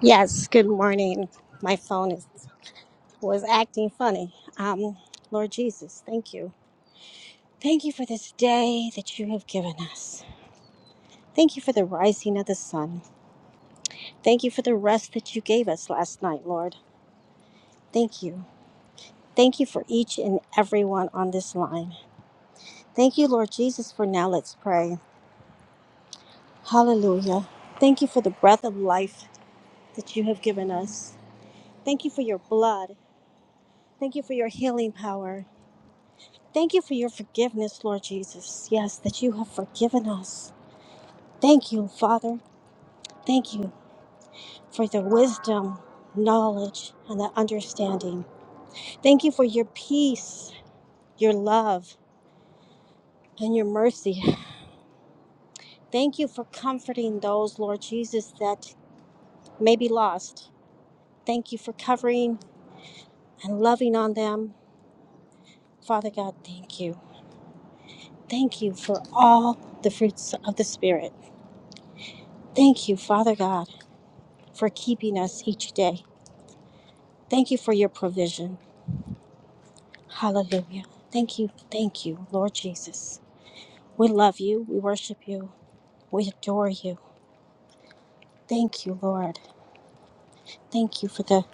S7: Yes, good morning. My phone is, was acting funny. Um, Lord Jesus, thank you. Thank you for this day that you have given us. Thank you for the rising of the sun. Thank you for the rest that you gave us last night, Lord. Thank you. Thank you for each and everyone on this line. Thank you, Lord Jesus, for now let's pray. Hallelujah. Thank you for the breath of life that you have given us. Thank you for your blood. Thank you for your healing power. Thank you for your forgiveness, Lord Jesus. Yes, that you have forgiven us. Thank you, Father. Thank you for the wisdom, knowledge, and the understanding. Thank you for your peace, your love, and your mercy. Thank you for comforting those, Lord Jesus, that may be lost. Thank you for covering and loving on them. Father God, thank you. Thank you for all the fruits of the Spirit. Thank you, Father God, for keeping us each day. Thank you for your provision. Hallelujah. Thank you. Thank you, Lord Jesus. We love you. We worship you. We adore you. Thank you, Lord. Thank you for the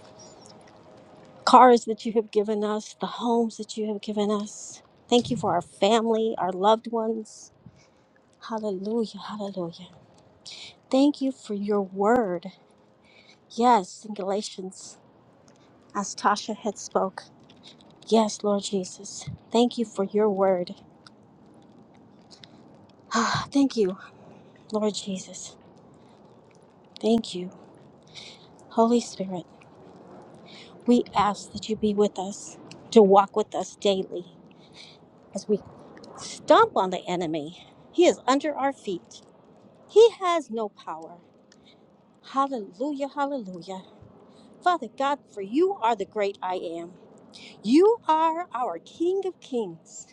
S7: cars that you have given us, the homes that you have given us. Thank you for our family, our loved ones. Hallelujah. Hallelujah. Thank you for your word. Yes, in Galatians, as Tasha had spoke. Yes, Lord Jesus. Thank you for your word. Ah, thank you, Lord Jesus. Thank you. Holy Spirit, we ask that you be with us, to walk with us daily as we stomp on the enemy. He is under our feet, he has no power. Hallelujah, hallelujah. Father God, for you are the great I am. You are our King of kings.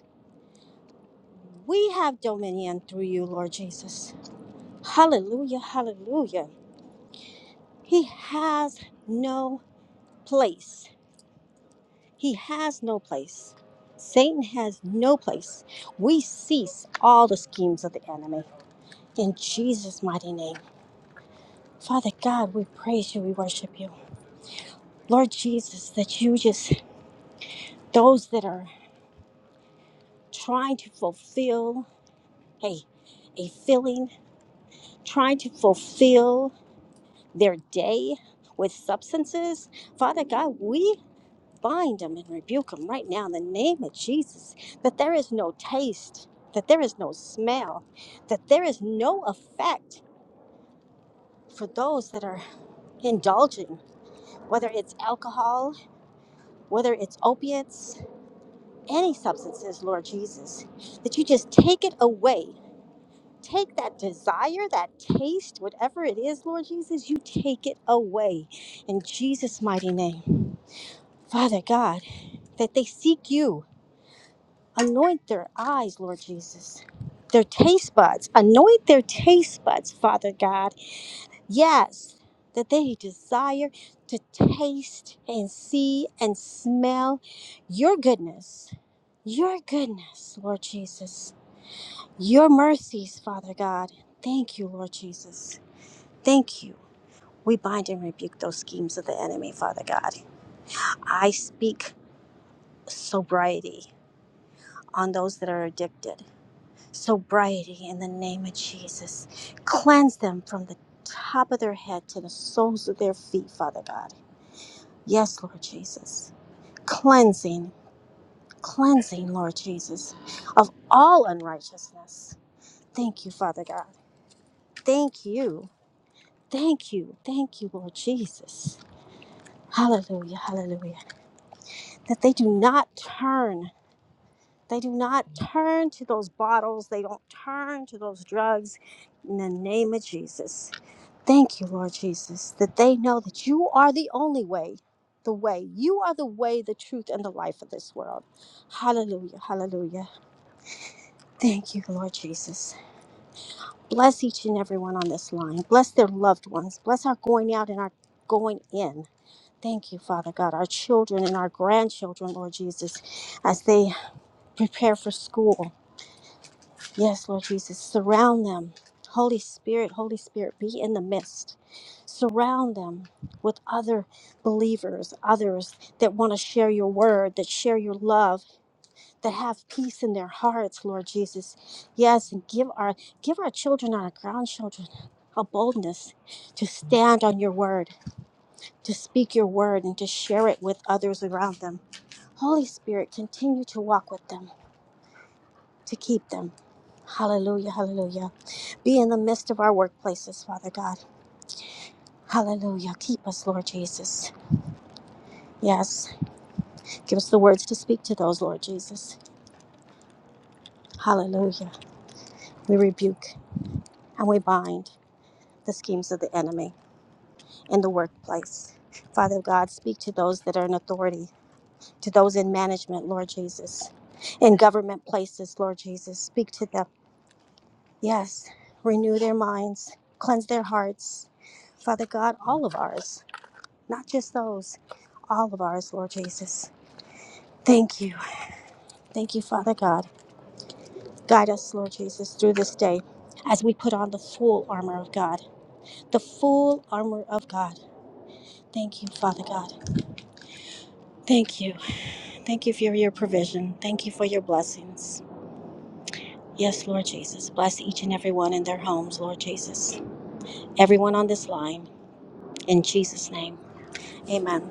S7: We have dominion through you, Lord Jesus. Hallelujah, hallelujah. He has no place. He has no place. Satan has no place. We cease all the schemes of the enemy. In Jesus' mighty name. Father God, we praise you, we worship you. Lord Jesus, that you just, those that are trying to fulfill a, a filling, trying to fulfill their day with substances, Father God, we bind them and rebuke them right now in the name of Jesus. That there is no taste, that there is no smell, that there is no effect for those that are indulging, whether it's alcohol, whether it's opiates, any substances, Lord Jesus, that you just take it away. Take that desire, that taste, whatever it is, Lord Jesus, you take it away in Jesus' mighty name. Father God, that they seek you Anoint their eyes, Lord Jesus. Their taste buds. Anoint their taste buds, Father God. Yes, that they desire to taste and see and smell your goodness. Your goodness, Lord Jesus. Your mercies, Father God. Thank you, Lord Jesus. Thank you. We bind and rebuke those schemes of the enemy, Father God. I speak sobriety on those that are addicted. sobriety in the name of Jesus. Cleanse them from the top of their head to the soles of their feet, Father God. Yes, Lord Jesus. Cleansing, cleansing, Lord Jesus, of all unrighteousness. Thank you, Father God. Thank you. Thank you. Thank you, Lord Jesus. Hallelujah. Hallelujah. That they do not turn. They do not turn to those bottles. They don't turn to those drugs in the name of Jesus. Thank you, Lord Jesus, that they know that you are the only way, the way. You are the way, the truth, and the life of this world. Hallelujah, hallelujah. Thank you, Lord Jesus. Bless each and everyone on this line. Bless their loved ones. Bless our going out and our going in. Thank you, Father God, our children and our grandchildren, Lord Jesus, as they prepare for school. Yes, Lord Jesus, surround them. Holy Spirit, Holy Spirit, be in the midst. Surround them with other believers, others that want to share your word, that share your love, that have peace in their hearts, Lord Jesus. Yes, and give our give our children, our grandchildren, a boldness to stand on your word, to speak your word and to share it with others around them. Holy Spirit, continue to walk with them, to keep them. Hallelujah, hallelujah. Be in the midst of our workplaces, Father God. Hallelujah. Keep us, Lord Jesus. Yes. Give us the words to speak to those, Lord Jesus. Hallelujah. We rebuke and we bind the schemes of the enemy in the workplace. Father God, speak to those that are in authority, to those in management, Lord Jesus, in government places, Lord Jesus. Speak to them. Yes. Renew their minds, cleanse their hearts. Father God, all of ours, not just those, all of ours, Lord Jesus. Thank you. Thank you, Father God. Guide us, Lord Jesus, through this day as we put on the full armor of God. The full armor of God. Thank you, Father God. Thank you. Thank you for your provision. Thank you for your blessings. Yes, Lord Jesus. Bless each and every one in their homes, Lord Jesus. Everyone on this line. In Jesus' name. Amen.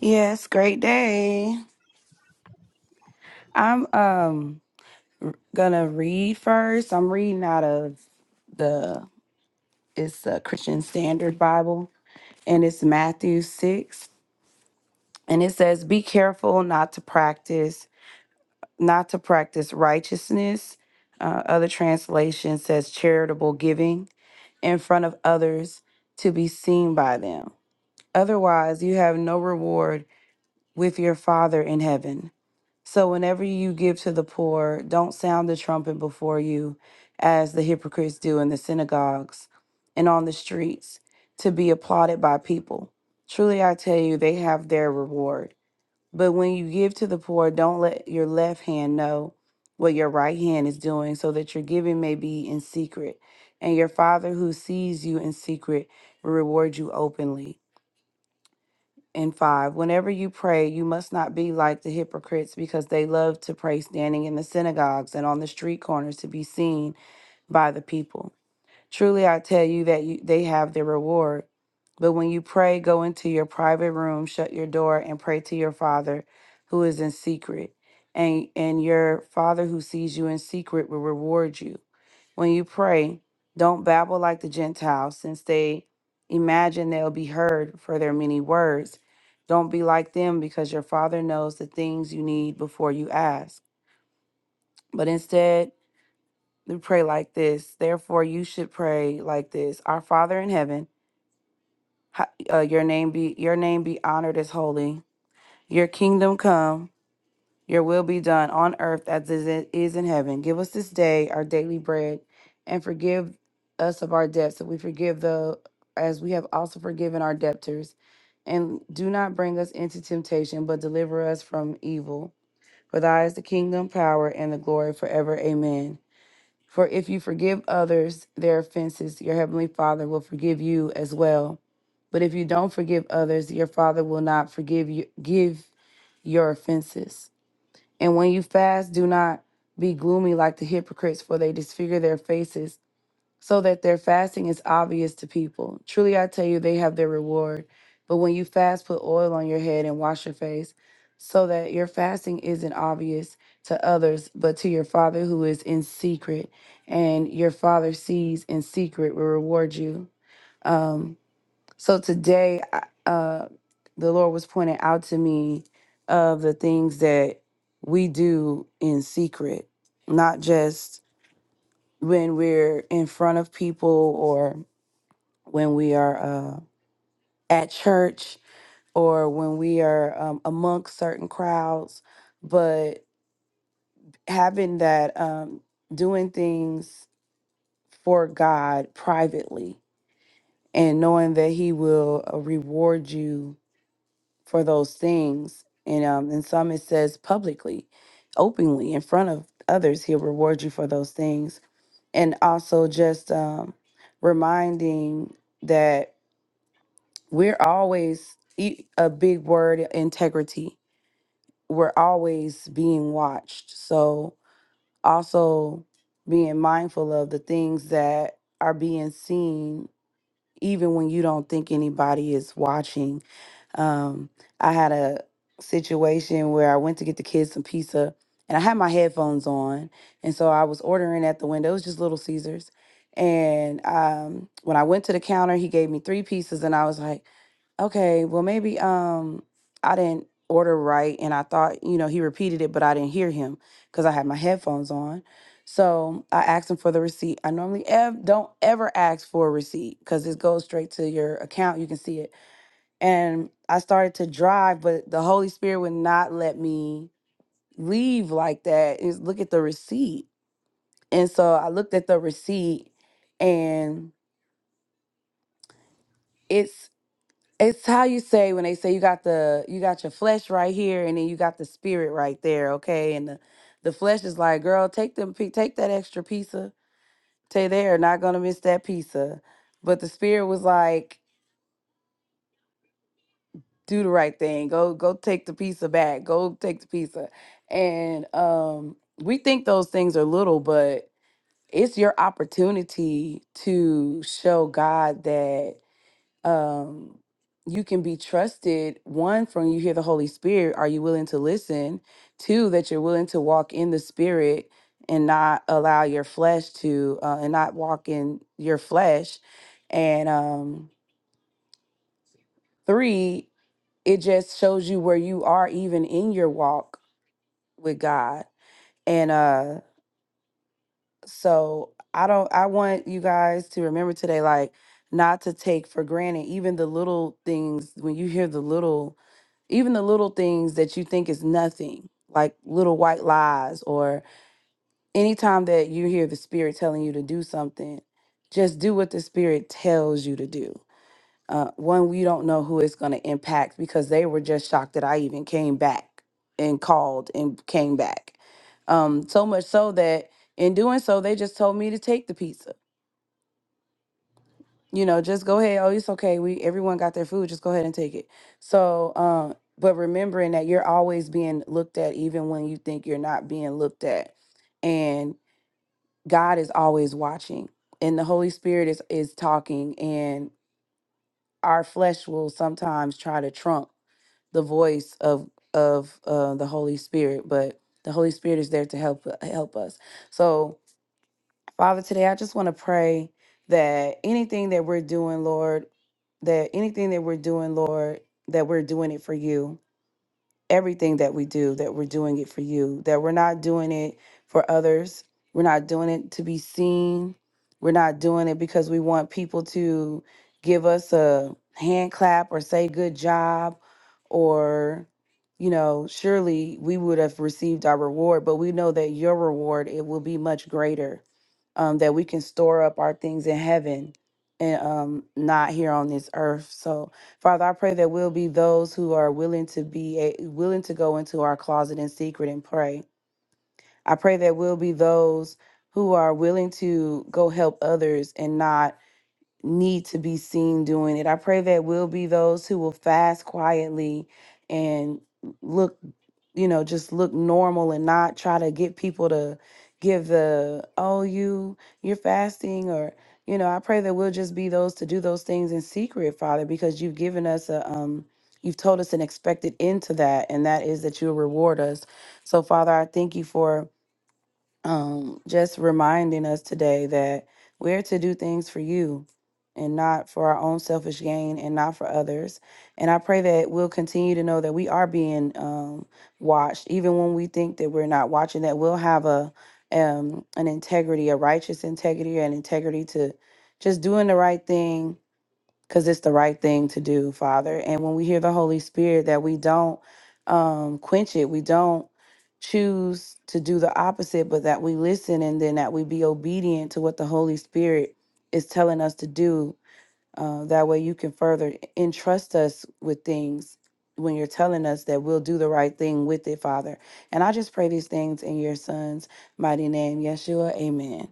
S8: Yes, great day. I'm um gonna read first. I'm reading out of the it's the Christian Standard Bible and it's Matthew 6 and it says be careful not to practice not to practice righteousness. Uh, other translation says charitable giving in front of others to be seen by them. Otherwise, you have no reward with your Father in heaven. So whenever you give to the poor, don't sound the trumpet before you, as the hypocrites do in the synagogues and on the streets, to be applauded by people. Truly I tell you, they have their reward. But when you give to the poor, don't let your left hand know what your right hand is doing, so that your giving may be in secret. And your Father who sees you in secret will reward you openly and 5 Whenever you pray, you must not be like the hypocrites because they love to pray standing in the synagogues and on the street corners to be seen by the people. Truly I tell you that you, they have their reward. But when you pray, go into your private room, shut your door and pray to your Father who is in secret. And and your Father who sees you in secret will reward you. When you pray, don't babble like the Gentiles, since they imagine they'll be heard for their many words. Don't be like them, because your Father knows the things you need before you ask. But instead, we pray like this. Therefore, you should pray like this: Our Father in heaven, ha- uh, your name be your name be honored as holy. Your kingdom come. Your will be done on earth as it is in heaven. Give us this day our daily bread and forgive us of our debts that we forgive the as we have also forgiven our debtors. And do not bring us into temptation, but deliver us from evil. For thy is the kingdom, power, and the glory forever. Amen. For if you forgive others their offenses, your heavenly Father will forgive you as well. But if you don't forgive others, your Father will not forgive you give your offenses. And when you fast, do not be gloomy like the hypocrites, for they disfigure their faces so that their fasting is obvious to people. Truly, I tell you, they have their reward. But when you fast, put oil on your head and wash your face so that your fasting isn't obvious to others, but to your Father who is in secret. And your Father sees in secret will reward you. Um, so today, uh, the Lord was pointing out to me of the things that we do in secret, not just when we're in front of people or when we are uh, at church or when we are um, amongst certain crowds, but having that um, doing things for God privately and knowing that He will uh, reward you for those things. And um, in some it says publicly, openly, in front of others, he'll reward you for those things. And also just um, reminding that we're always e- a big word integrity. We're always being watched. So also being mindful of the things that are being seen even when you don't think anybody is watching. Um, I had a situation where I went to get the kids some pizza and I had my headphones on. And so I was ordering at the window, it was just Little Caesars. And um, when I went to the counter, he gave me three pieces and I was like, Okay, well maybe um I didn't order right and I thought, you know, he repeated it, but I didn't hear him because I had my headphones on. So I asked him for the receipt. I normally ev- don't ever ask for a receipt because it goes straight to your account. You can see it. And I started to drive, but the Holy Spirit would not let me leave like that. Is look at the receipt. And so I looked at the receipt and it's. It's how you say when they say you got the you got your flesh right here and then you got the spirit right there, okay? And the the flesh is like, girl, take them pi- take that extra pizza. Tay they're not gonna miss that pizza. But the spirit was like, do the right thing. Go go take the pizza back. Go take the pizza. And um we think those things are little, but it's your opportunity to show God that um, you can be trusted one from you hear the holy spirit are you willing to listen two that you're willing to walk in the spirit and not allow your flesh to uh, and not walk in your flesh and um three it just shows you where you are even in your walk with god and uh So I don't I want you guys to remember today like not to take for granted even the little things when you hear the little even the little things that you think is nothing like little white lies or anytime that you hear the spirit telling you to do something just do what the spirit tells you to do uh, one we don't know who it's going to impact because they were just shocked that i even came back and called and came back um, so much so that in doing so they just told me to take the pizza you know just go ahead oh it's okay we everyone got their food just go ahead and take it so um, but remembering that you're always being looked at even when you think you're not being looked at and god is always watching and the holy spirit is is talking and our flesh will sometimes try to trump the voice of of uh, the Holy Spirit, but the Holy Spirit is there to help help us. So, Father, today I just want to pray that anything that we're doing, Lord, that anything that we're doing, Lord, that we're doing it for you everything that we do, that we're doing it for you, that we're not doing it for others. We're not doing it to be seen. We're not doing it because we want people to give us a hand clap or say good job or you know surely we would have received our reward but we know that your reward it will be much greater um, that we can store up our things in heaven and um, not here on this earth. So, Father, I pray that we'll be those who are willing to be a, willing to go into our closet in secret and pray. I pray that we'll be those who are willing to go help others and not need to be seen doing it. I pray that will be those who will fast quietly and look, you know, just look normal and not try to get people to give the oh you you're fasting or you know, I pray that we'll just be those to do those things in secret, Father, because you've given us a um you've told us an expected end to that and that is that you'll reward us. So Father, I thank you for um, just reminding us today that we're to do things for you and not for our own selfish gain and not for others. And I pray that we'll continue to know that we are being um, watched, even when we think that we're not watching, that we'll have a um, an integrity, a righteous integrity, an integrity to just doing the right thing because it's the right thing to do, Father. And when we hear the Holy Spirit, that we don't um, quench it, we don't choose to do the opposite, but that we listen and then that we be obedient to what the Holy Spirit is telling us to do. Uh, that way, you can further entrust us with things when you're telling us that we'll do the right thing with it, Father. And I just pray these things in your Son's mighty name, Yeshua. Amen.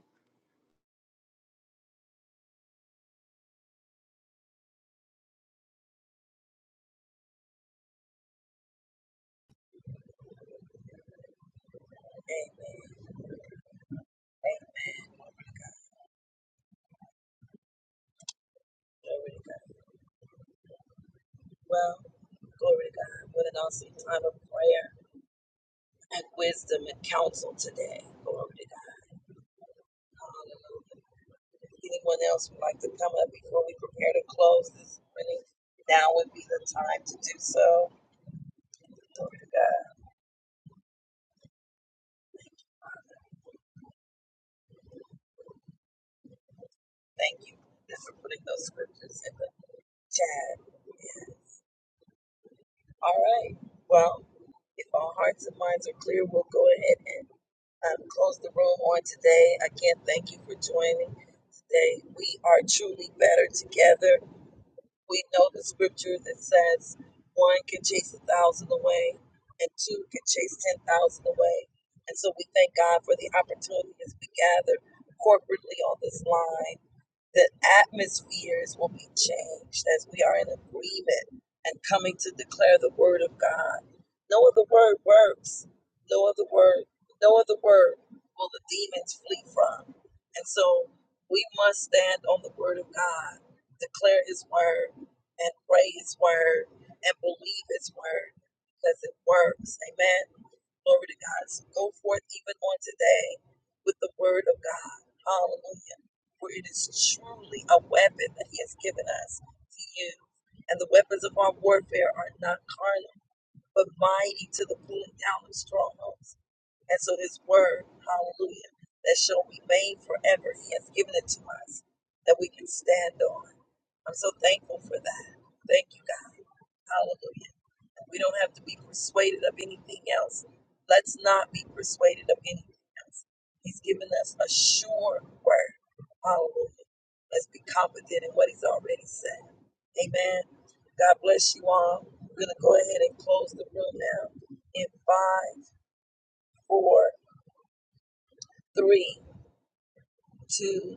S1: Three, two,